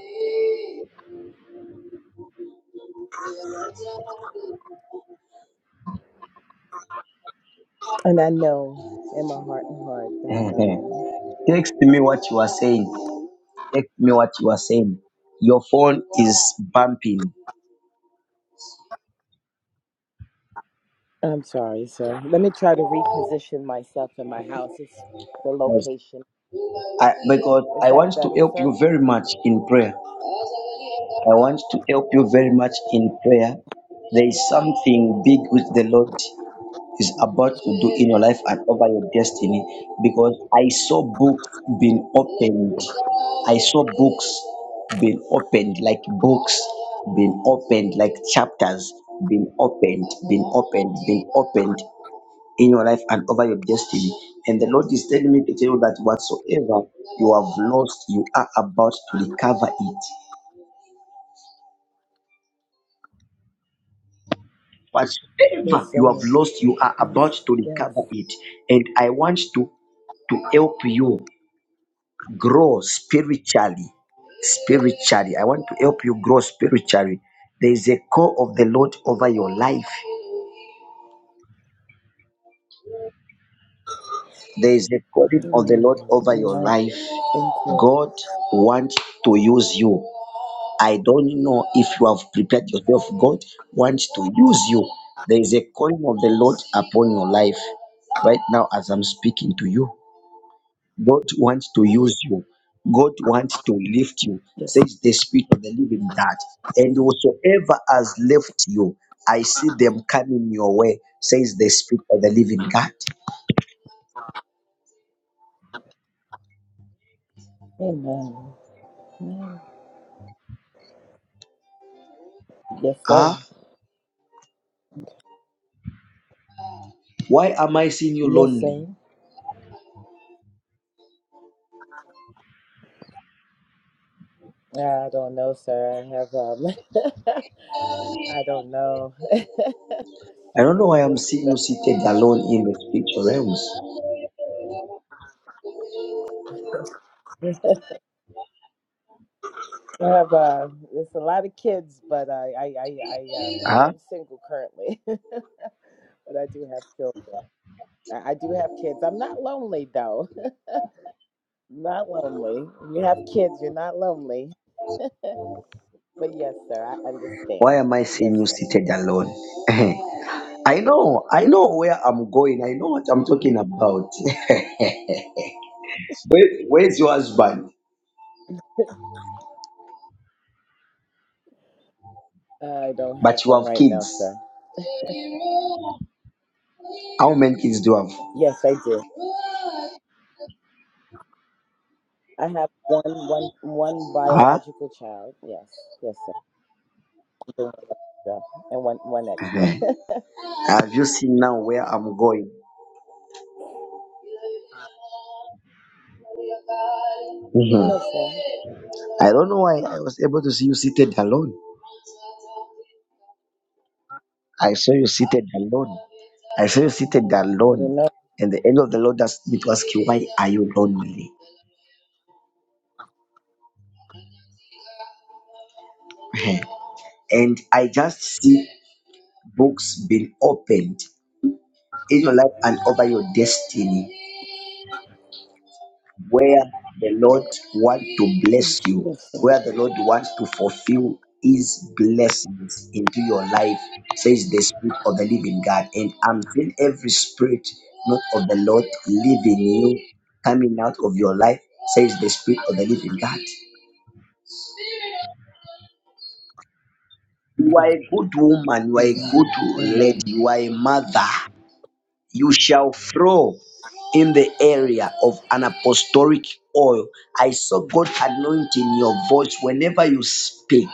and I know in my heart and heart that. um, Text me what you are saying. Text me what you are saying. Your phone is bumping. I'm sorry, sir. Let me try to reposition myself in my house. It's the Because location. I, because Is I that want to better, help you sir? very much in prayer. I want to help you very much in prayer. There is something big which the Lord is about to do in your life and over your destiny because I saw books being opened. I saw books being opened, like books being opened, like chapters being opened, being opened, being opened in your life and over your destiny. And the Lord is telling me to tell you that whatsoever you have lost, you are about to recover it Whatever Yes, you have sir. lost, you are Yes, about to yes. recover it. And I want to, to help you grow spiritually. Spiritually. I want to help you grow spiritually. There is a call of the Lord over your life. There is a calling of the Lord Amen. over your Amen. life. Thank you. God wants to use you. I don't know if you have prepared yourself. God wants to use you. There is a calling of the Lord upon your life right now as I'm speaking to you. God wants to use you. God wants to lift you, Yes. says the Spirit of the Living God. And whosoever has left you, I see them coming your way, says the Spirit of the Living God. Amen. Amen. Yes, sir. Ah, why am I seeing you Yes, sir. lonely? I don't know, sir. I have um. I don't know. it's I don't know why I'm just seeing uh, you seated alone in the spiritual realms. I have uh, it's a lot of kids, but I I I I um I Huh? am single currently, but I do have children. I, I do have kids. I'm not lonely though. Not lonely. You have kids, you're not lonely. But yes, sir, I Why understand. am I Yes, seeing you sir. seated alone? I know, I know where I'm going. I know what I'm talking about. Where, where's your husband? I don't have But you one have right now, kids. sir. How many kids do you have? Yes, I do. I have one one one Huh? biological child. Yes. Yes, sir. One extra. And one one extra. Mhm. Have you seen now where I'm going? Mhm. no, sir. I don't know why I was able to see you seated alone. I saw you seated alone. I saw you seated Mm, I alone. don't know. And the angel of the Lord asked me to ask you, why are you lonely? Mhm. and I just see books being opened in your life and over your destiny. where the Lord wants to bless you, Yes, sir. where the Lord wants to fulfill his blessings into your life, says the Spirit of the living God. And I'm seeing every spirit, not of the Lord, leaving you, coming out of your life, says the Spirit of the living God. You Yes. are a good woman, you are a Amen. good lady, Amen. you are a mother. you shall flow in the area of an apostolic oil. I saw God anointing your voice whenever you speak.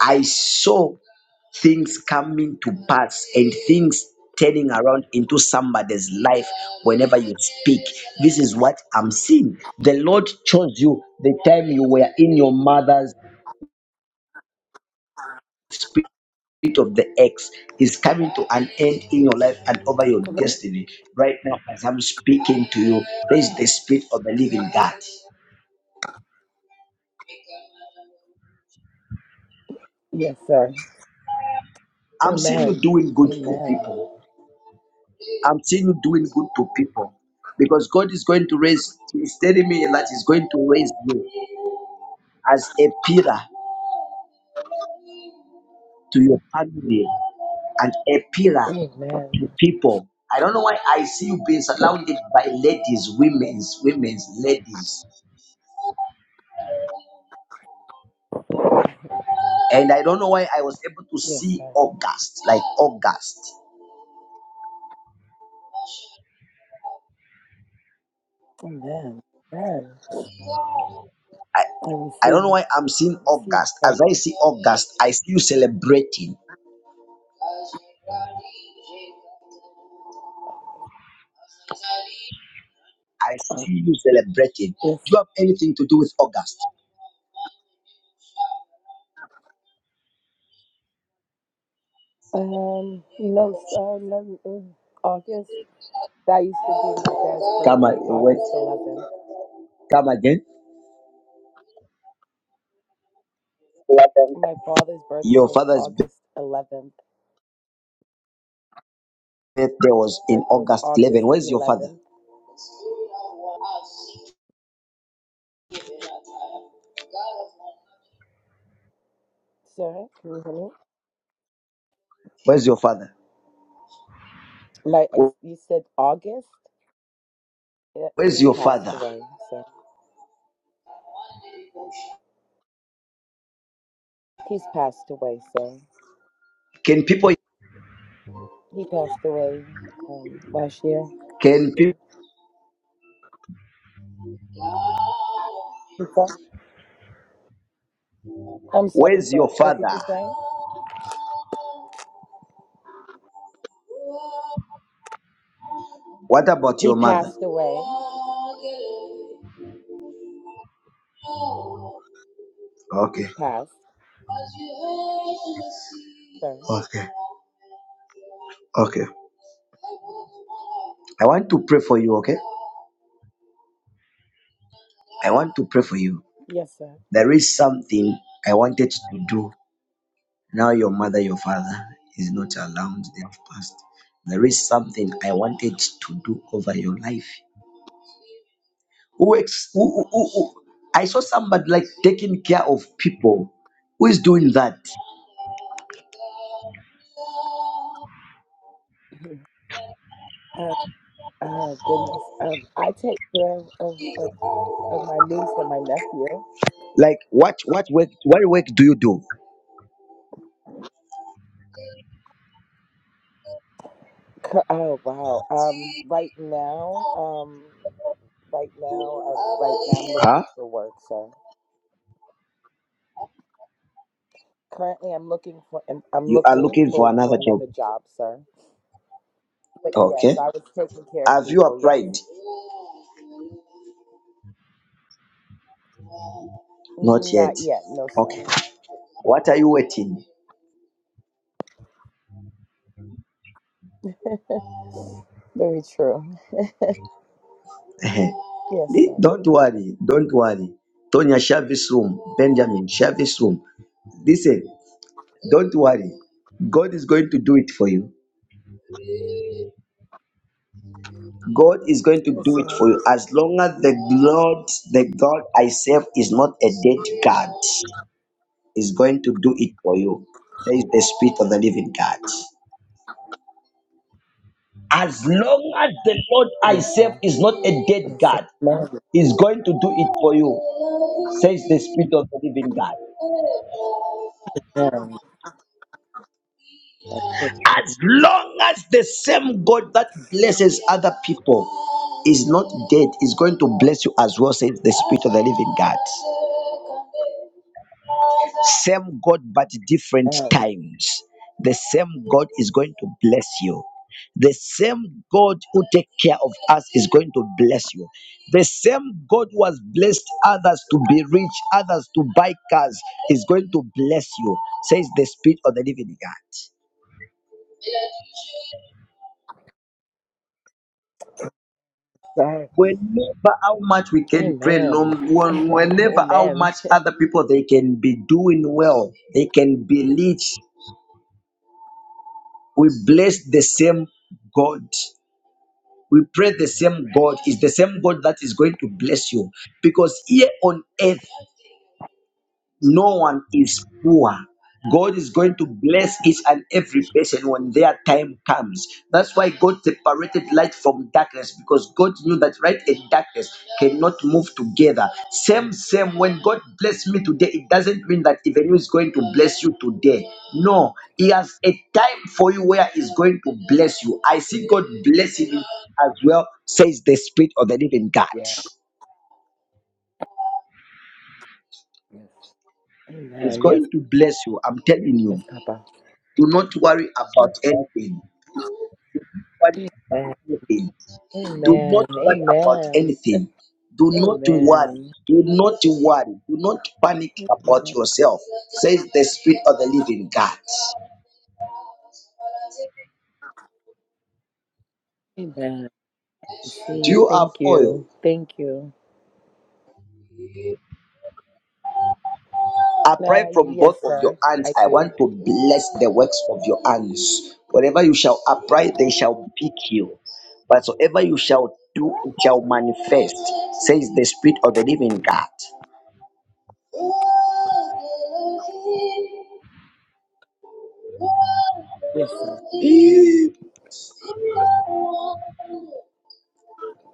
I saw things coming to pass and things turning around into somebody's life whenever you speak. This is what I'm seeing. The Lord chose you the time you were in your mother's spirit of the X is coming to an end in your life and over your destiny. Right now, as I'm speaking to you, there is the spirit of the living God. Yes, sir. I'm seeing you Amen. doing good to Amen. people. I'm seeing you doing good to people because God is going to raise, He's telling me that He's going to raise you as a pillar to your family and a pillar Amen. to people. I don't know why I see you being surrounded by ladies, women's, women's, ladies. and I don't know why I was able to Yes, see sir. August, like August. Amen. Amen. I, I I don't know receive. why I'm I seeing receive. August. that. As I see August, I see you celebrating. I see you celebrating. Yes. Do you have anything to do with August? Um, no, s- uh, no, in August. That used to be my dad's Come a- birthday, wait, August 11th. come again. My father's birthday Your was father's birthday August 11th. was in Birthday was August 11. August Where's your father? 11th. Sir, can you hear me? Where's your father? My, I, you said August? Yeah, he's Where's your passed father? away, sir. He's passed away, sir. Can people? He passed away um, last year. Can people? He passed- I'm sorry, Where's sir. your What did you father? say? What about He your mother? passed away. He Okay, passed, sir. okay, okay. I want to pray for you, okay? I want to pray for you. Yes, sir. There is something I wanted to do. Now your mother, your father is not around. They have passed. There is something I wanted to do over your life. Who, ex- who, who, who, who- I saw somebody like taking care of people. Who is doing that? Uh, oh oh, goodness. Um, I take care of, of, of of my niece and my nephew. Like what what work what work do you do? Co- Oh wow. Um, right now, um, right now, uh, right now, I'm looking Huh? for work, sir. Currently, I'm looking for I'm I'm You are looking looking for for for another job. another job, sir. But yes, Okay. I was taking care of Have you people. Yes, applied? Not not yet. yet, no, sir. Okay. What are you waiting? Very true. Eh, Yes, thi- sir. don't worry, don't worry. Tonya, share this room. Benjamin, share this room. Listen, don't worry. God is going to do it for you. God is going to Yes, do it for you sir. as long as the Lord, the God I serve, is not a dead God, is going to do it for you. There is the Spirit of the Living God. As long as the Lord I Yes, sir. serve is not a dead Yes, sir. God, No, is going to do it for you, says the Spirit of the Living God. no, no, As long as the same God that blesses other people is not dead, is going to bless you as well, says the Spirit of the Living God. Same God, but no, different no, times. The same God is going to bless you. The same God who take care of us is going to bless you. The same God who has blessed others to be rich, others to buy cars, is going to bless you, says the Spirit of the Living God. sir. whenever how much we can pray Amen. no when- whenever how Amen. much other people they can be doing well they can be rich we bless the same god we pray the same god is the same god that is going to bless you because here on earth No one is poor. God is going to bless each and every person when their time comes. That's why God separated light from darkness because God knew that light and darkness cannot move together. Same, same. When God bless me today, it doesn't mean that even is going to bless you today. No, He has a time for you where He's going to bless you. I see God blessing you as well, says the Spirit of the Living God. Yeah. Yes. He's Amen. Yes. going to bless you. I'm telling you. Yes, Papa. Do not worry about anything. Worry Amen. about anything. Do Amen. not worry about Amen. anything. Do Amen. not worry. Do not worry. Do not panic about Amen. yourself, says the Spirit of the Living God. Amen. Do Receive. you have Thank oil? you. Thank you. Apply Uh, from yes, both of your sir. I hands. I want do. to bless the works of your hands. Whatever you shall apply, they shall pick you. Whatsoever you shall do, it shall manifest, says the Spirit of the Living God. Yes, sir. Eh,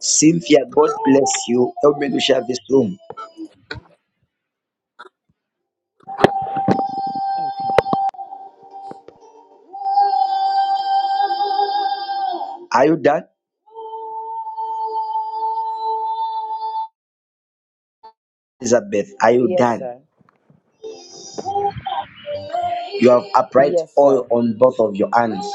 Cynthia, God bless you. Help me to share this room. Okay. Are you done? Elizabeth, are you Yes, done? sir. You have upright Yes, oil sir. on both of your hands.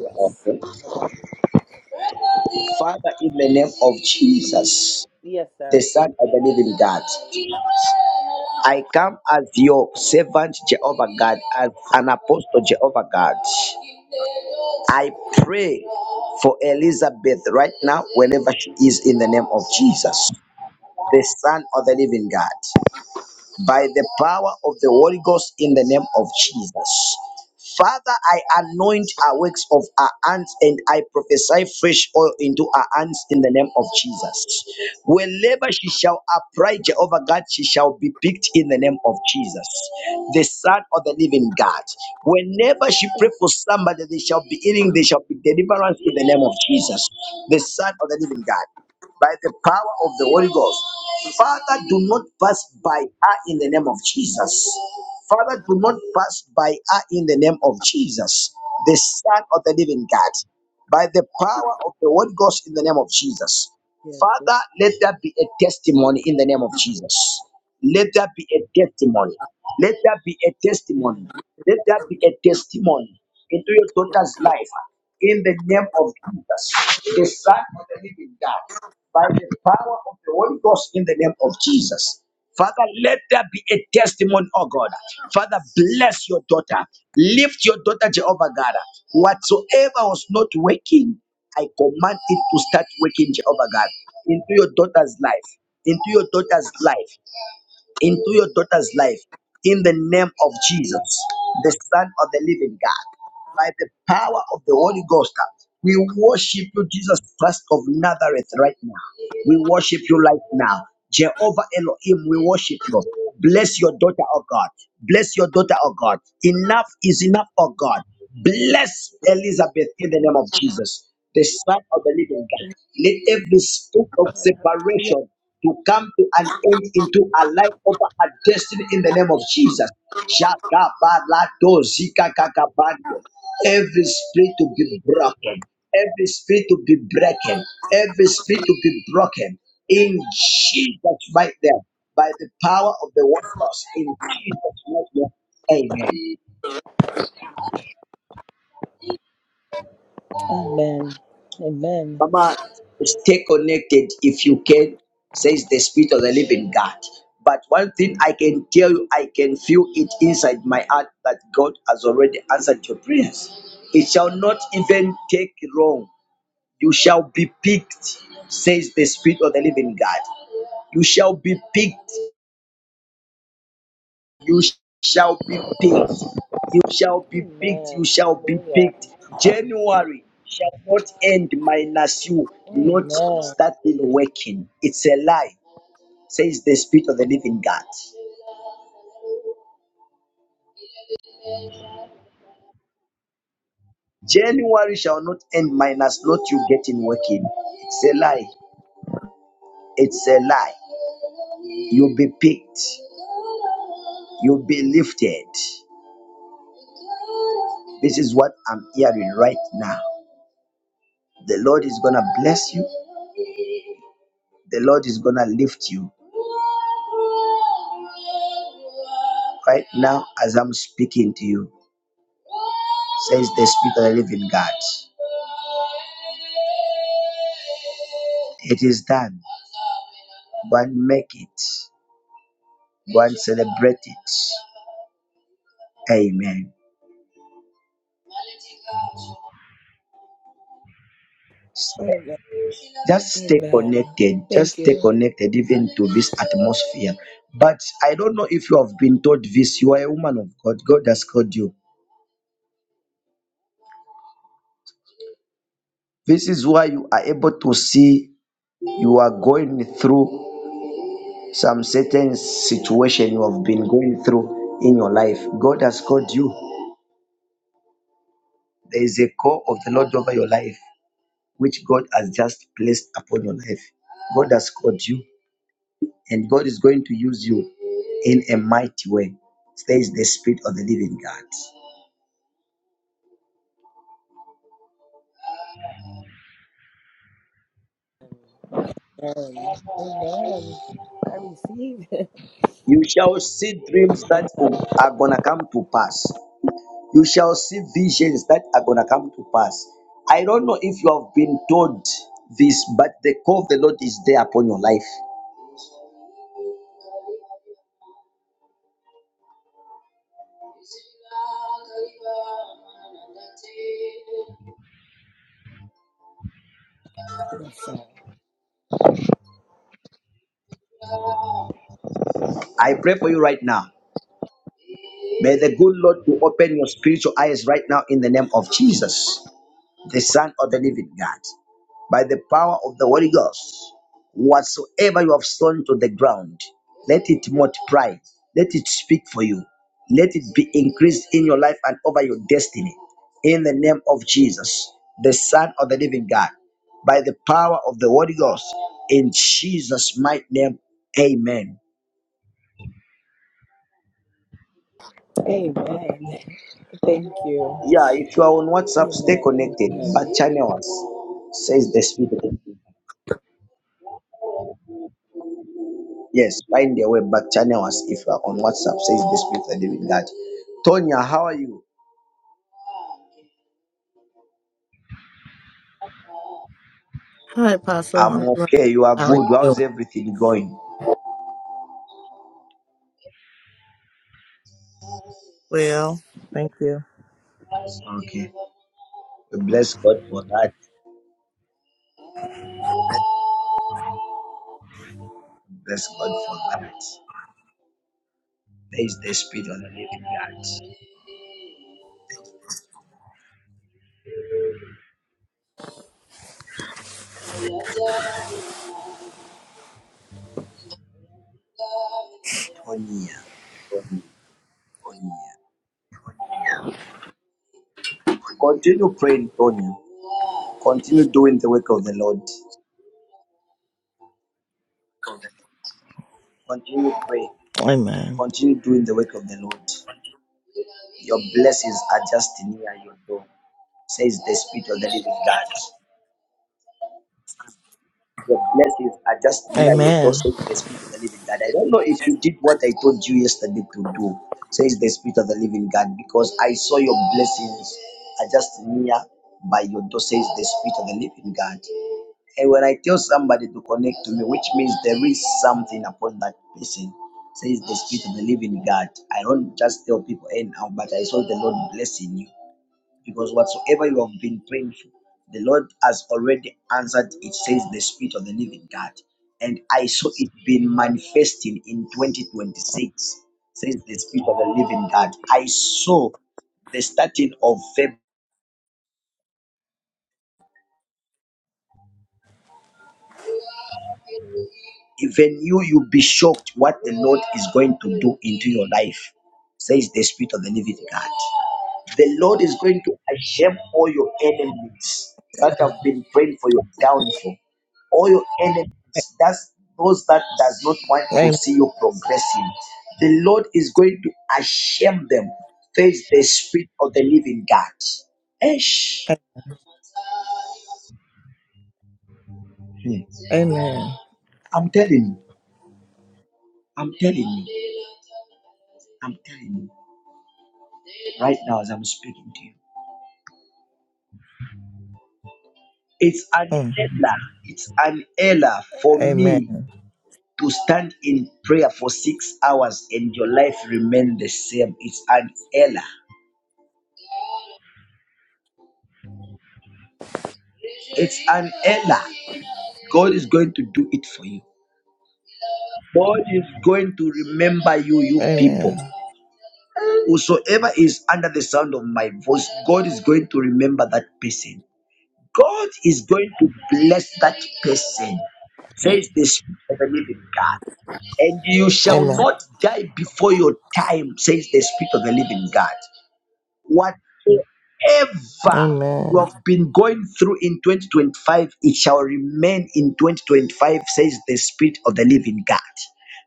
Yes. Okay. Father, in the name of Jesus, Yes, the sir. Son of the Living God, I come as your servant, Jehovah God, as an apostle, Jehovah God. I pray for Elizabeth right now, wherever she is, in the name of Jesus, the Son of the Living God by the power of the Holy Ghost in the name of Jesus. Father, I anoint our works of our hands and I prophesy fresh oil into our hands in the name of Jesus. Wherever she shall apply Jehovah God, she shall be picked in the name of Jesus, the Son of the Living God. Whenever she pray for somebody, they shall be healing, they shall be deliverance in the name of Jesus, the Son of the Living God by the power of the Holy Ghost. Father, do not pass by her in the name of Jesus. Father, do not pass by her in the name of Jesus, the Son of the Living God, by the power of the Holy Ghost in the name of Jesus. Yes. Father, let that be a testimony in the name of Jesus. Let that be a testimony. Let that be a Amen. testimony. Let that be a testimony into your daughter's life in the name of Jesus, the Son of the Living God by the power of the Holy Ghost in the name of Jesus. Father, let there be a testimony, oh God. Father, bless your daughter. Lift your daughter, Jehovah God. Whatsoever was not working, I command it to start working, Jehovah God, into your daughter's life, into your daughter's life into your daughter's life in the name of Jesus, the Son of the Living God, by the power of the Holy Ghost. We worship you, Jesus Christ of Nazareth, right now. We worship you right now. Jehovah Elohim, we worship you. Bless your daughter, oh God. Bless your daughter, oh God. Enough is enough, oh God. Bless Elizabeth in the name of Jesus, the Son of the Living God. Let every spirit of Hallelujah. separation to come to an end into a life over a destiny in the name of Jesus. Shakabalado zikakakabande. Every spirit to be broken, every spirit to be broken, every spirit to be broken in Jesus right there by the power of the Holy Ghost in Jesus' name. Amen. Amen. Amen. Mama, stay connected if you can, says the Spirit of the Living God. But one thing I can tell you, I can feel it inside my heart that God has already answered your prayers. It shall not even take long. You shall be picked, says the Spirit of the Living God. You shall be picked you shall be picked. You shall be picked. You Amen. shall be Hallelujah. picked. January shall not end minus you not Amen. starting working. It's a lie, says the Spirit of the Living God. January shall not end minus not you getting working. It's a lie. It's a lie. You'll be picked. You'll be lifted. This is what I'm hearing right now. The Lord is going to bless you. The Lord is going to lift you Right now, as I'm speaking to you, says the Spirit of the Living God, it is done. Go and make it. Go and celebrate it. Amen. Amen. Just stay Amen. connected. Thank Just you. stay connected even to this atmosphere. But I don't know if you have been told this. You are a woman of God. God has called you. This is why you are able to see you are going through some certain situation you have been going through in your life. God has called you. There is a call of the Lord over your life, which God has just placed upon your life. God has called you, and God is going to use you in a mighty way. There is the Spirit of the living God. Amen. Amen. I receive it. You shall see dreams that are going to come to pass. You shall see visions that are going to come to pass. I don't know if you have been told this, but the call of the Lord is there upon your life. Amen. I pray for you right now. May the good Lord to open your spiritual eyes right now in the name of Jesus. the Son of the Living God, by the power of the Holy Ghost. Whatsoever you have sown to the ground, let it multiply, let it speak for you, let it be increased in your life and over your destiny. In the name of Jesus, the Son of the Living God, by the power of the Holy Ghost, in Jesus' mighty name, amen. Amen. Thank you. Yeah, if you are on WhatsApp, stay Amen. connected, but Amen. channel us, says the Spirit. of God. Yes, find their way back. Channel us if you are on WhatsApp. Says the Spirit of the Living God. Tonya, how are you? Hi, Apostle. I'm I'm doing. well. okay. You are How are you good. How's doing? everything going? Well, Okay. We bless God for that. We bless God for that. There is the Spirit of the Living God. Tonya. Tonya. Tonya. Continue praying, Tonya. Continue doing the work of the Lord. Continue praying. Amen. Continue doing the work of the Lord. Your blessings are just near your door, says the Spirit of the Living God. Your blessings are just near your Amen. doorstep, the Spirit of the Living God. I don't know if you did what I told you yesterday to do, says the Spirit of the Living God, because I saw your blessings are just near by your door, says the Spirit of the Living God. And when I tell somebody to connect to me, which means there is something upon that person, says the Spirit of the Living God. I don't just tell people anyhow, but I saw the Lord blessing you because whatsoever you have been praying for, the Lord has already answered. It says the Spirit of the Living God, and I saw it being manifesting in 2026. Says the Spirit of the Living God. I saw the starting of Feb. Even you, you'll be shocked what the Lord is going to do into your life. Says the Spirit of the Living God. The Lord is going to ashame all your enemies that have been praying for your downfall. All your enemies, that's those that does not want to Amen. see you progressing. The Lord is going to ashame them. Face the spirit of the living God. Esh. Hmm. Amen. I'm telling you. I'm telling you. I'm telling you. Right now, as I'm speaking to you, it's an Mm. error. It's an error for Amen. me to stand in prayer for six hours and your life remain the same. It's an error. It's an error. God is going to do it for you. God is going to remember you, you Amen. people. Whosoever is under the sound of my voice, God is going to remember that person. God is going to bless that person, says the Spirit of the living God. And you shall Amen. not die before your time, says the Spirit of the living God. Whatever you Amen. have been going through in 2025, it shall remain in 2025, says the Spirit of the Living God.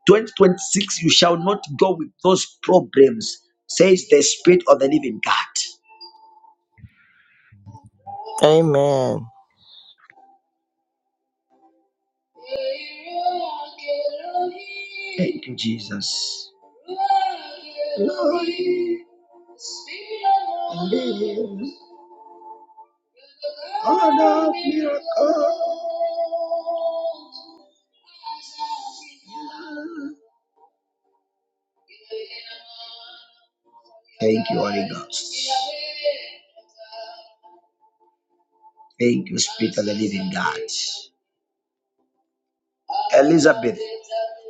2026, you shall not go with those problems, says the Spirit of the Living God. Amen. Thank you, Jesus. Thank you, Holy Ghost. Thank you, Spirit of the Living God. Elizabeth,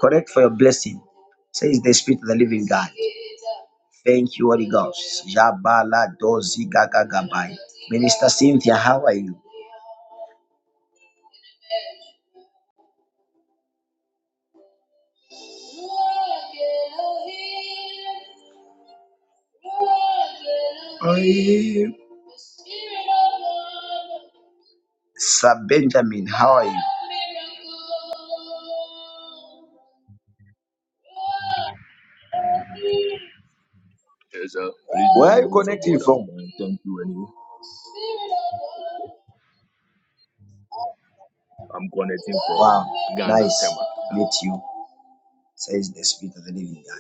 correct for your blessing. Says the Spirit of the Living God. Thank you, Holy Ghost. Jabala dozi gaga gabai. Minister Cynthia, how are you? I am. Sir Benjamin, how are you? Yes, sir. Please, by Where are the you grace of connecting God, I'm from? fine. Thank you, anyway. I'm connecting Wow, from Ghana, nice. Tema. Meet you, says the Spirit of the Living God.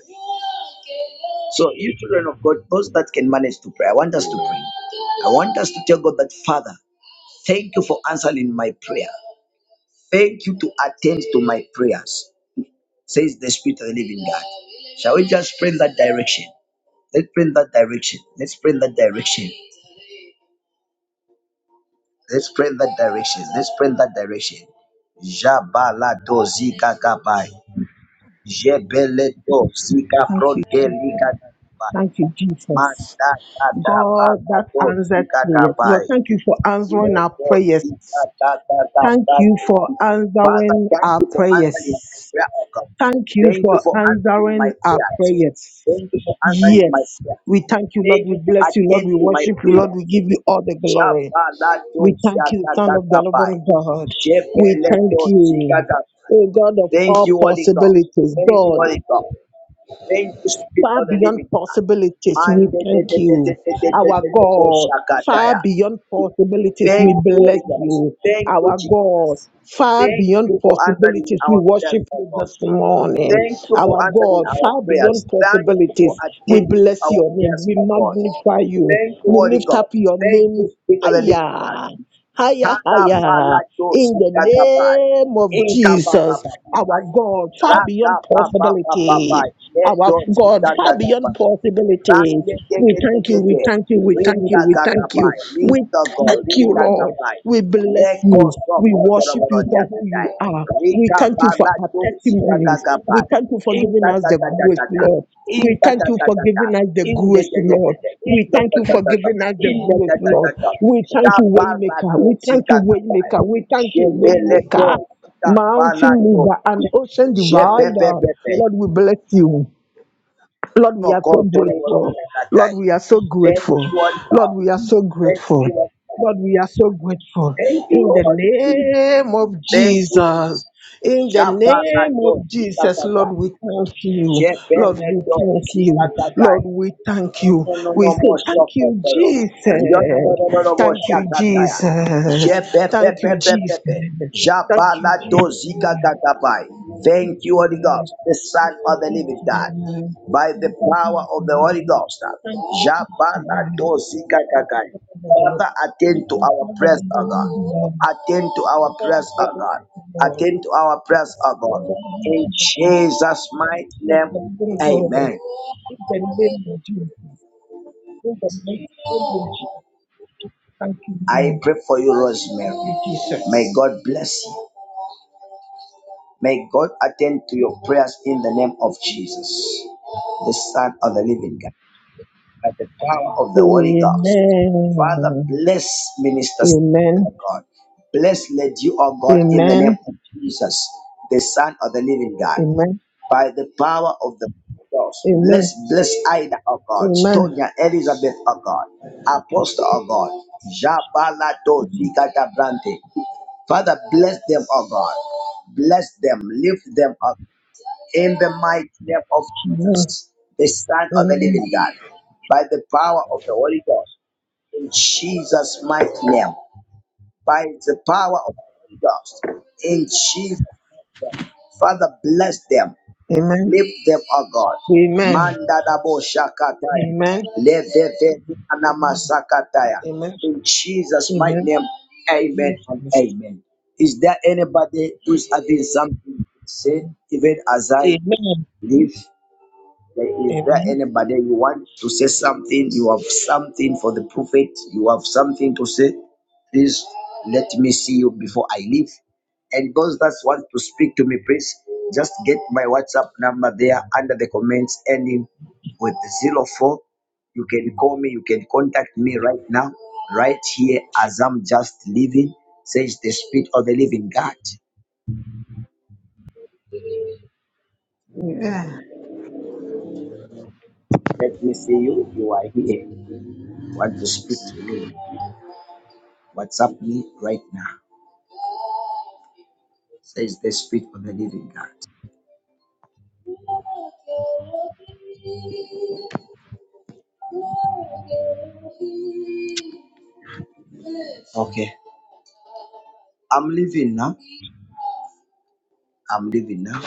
So, you children of God, those that can manage to pray, I want us to pray. Amen. I want us to tell God that, Father, thank you for answering my prayer. Thank you to attend to my prayers, says the Spirit of the living God. Shall we just pray in that direction? Let's pray in that direction. Let's pray in that direction. Let's pray in that direction. Let's pray in that direction. Jabala do zika kabai. Jebele do zika Thank you, bronde Jesus. lika kabai. Thank you, Manda Jesus. da da God, bala that do answered zika prayers. Lord, kabai. thank you for answering our Lord, prayers. you are that, that, that, Thank that. you for Father, answering thank our you for answering my prayers. prayer, oh God. Thank you Thank you for for answering my answering our prayers. prayers. Thank you for answering my Yes. prayers. We thank you, Lord. Thank We you to bless you, Lord. attend We to my worship you, Lord. prayers. We give you all the glory. Shabalato We thank you, Son of the shakakakabai. Living God. We thank Shepeleto you. shikaka. O God of Thank all you, Holy God. possibilities, Thank you, God, Holy God. Thank you, Spirit far of the beyond Living God. possibilities. We Mande de thank de de you, de de de de our de de de- God. Far shakataya. beyond possibilities, Thank we you, bless Holy God. you, Thank you, our Jesus. God. Far Thank beyond answered in possibilities, we worship our you God, this morning. for Our answering God, our far beyond prayers. Thank you for possibilities, we attending to bless our your name, prayers, we O God. magnify you, Thank you, we Holy lift God. up your Thank you, name Spirit of the Living God. higher. Higher, Kala bala higher. to In the zika kapai. name of inka Jesus, our God, far beyond possibilities. Kalabaladosikatabai. Our God, far beyond possibilities. inka ta ta We ta ta thank you, we thank you, we thank you, we thank you. We Lindago. thank you, Lord. Ringagabai. We bless you. We worship you for who Lekosokotoroborojakadai. you are. We thank you for our testimonies. We Rikabaladositagagabai. thank you for giving us the grace, Intatatatatata. Lord. We thank you for Intatatatatata. giving us the In the in grace, the Lord. in We thank you for giving us the the in grace, Lord. the We thank you, Waymaker. Shabarato We thank you, zikatabai. Waymaker. We thank you, Shebeleto Waymaker. Mountain zikabalato. mover and ocean divider. Jebebebepe. Lord, we bless you. Lord, we are so Nokotoro grateful. Lord, zikatai. we are so Thank grateful. you, Lord Lord, God. we are so Thank grateful. you, Lord. Lord, we are so grateful. Thank you, In the Lord. name of Thank you, Lord. Jesus. In the name Shabalato of Jesus, Lord, we zikatabai. thank you. Lord, we Shebeleto thank you. zikatabai. Lord, we No no no thank you. We say, Thank you, Omonomomosokotoro. Jesus. Thank you, Riondororobosakataya. Jesus. Thank you, Jesus. Jepepepepepepe. Thank you, Jabaladozikakakabai. Thank you, Holy Ghost, the Son of the Living God, Jesus. by the power of the Holy Ghost. Thank you. Jabaladozikakakai. Thank you, Lord. Father, attend to our prayers, O God. Attend to our prayers, O God. Attend to our prayers, O God. In Jesus' mighty name, amen. I pray for you, Thank Rosemary. you, Jesus. May God bless you. May God attend to your prayers in the name of Jesus, the Son of the Living God, by the power of the Holy Ghost. Amen. Father, bless Minister Stephen, Amen. oh God. Bless Lady, O God, in the Amen. name of Jesus, the Son of the Living God, Amen. by the power of the Holy Ghost. Bless, Amen. bless Ida, oh God. Amen. Tonya, Elizabeth, oh God. Apostle, oh God. Jabalato Zigata Brante, Father, bless them, oh God. Bless them, lift them up in the mighty name of Amen. Jesus, the Son of the Amen. Living God, by the power of the Holy Ghost, in Jesus' mighty name, by the power of the Holy Ghost, in Jesus. Father, bless them, Amen. Lift them, O God. Amen. Manda da bo shakataya. Amen. Leve ve anama Amen. In Jesus' mighty name, amen and amen. Is there anybody who's having something to say, even as I Amen. leave? There Is there Amen. anybody you want to say something? You have something for the prophet? You have something to say? Please let me see you before I leave. And those that want to speak to me, please just get my WhatsApp number there under the comments ending with zero four. You can call me, you can contact me right now, right here as I'm just leaving. Says the Spirit of the Living God. Amen. Let me want to speak to me. WhatsApp me right now. says the Spirit of the Living God. Okay, I'm leaving now. I'm leaving now.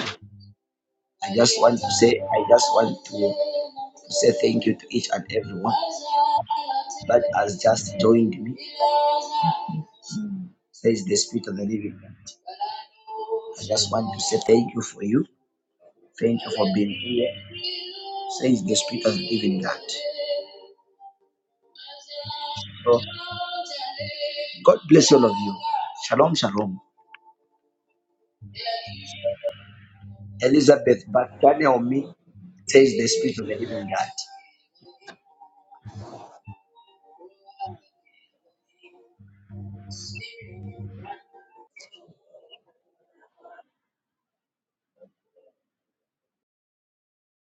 I just want to say, I just want to, to say thank you to each and everyone that has just joined me, says the Spirit of the Living God. I just want to say thank you for you. Thank you for being here, says the Spirit of the Living God. So, God bless all of you. Shalom, shalom. Elizabeth Batania Omi says the Spirit of the living God.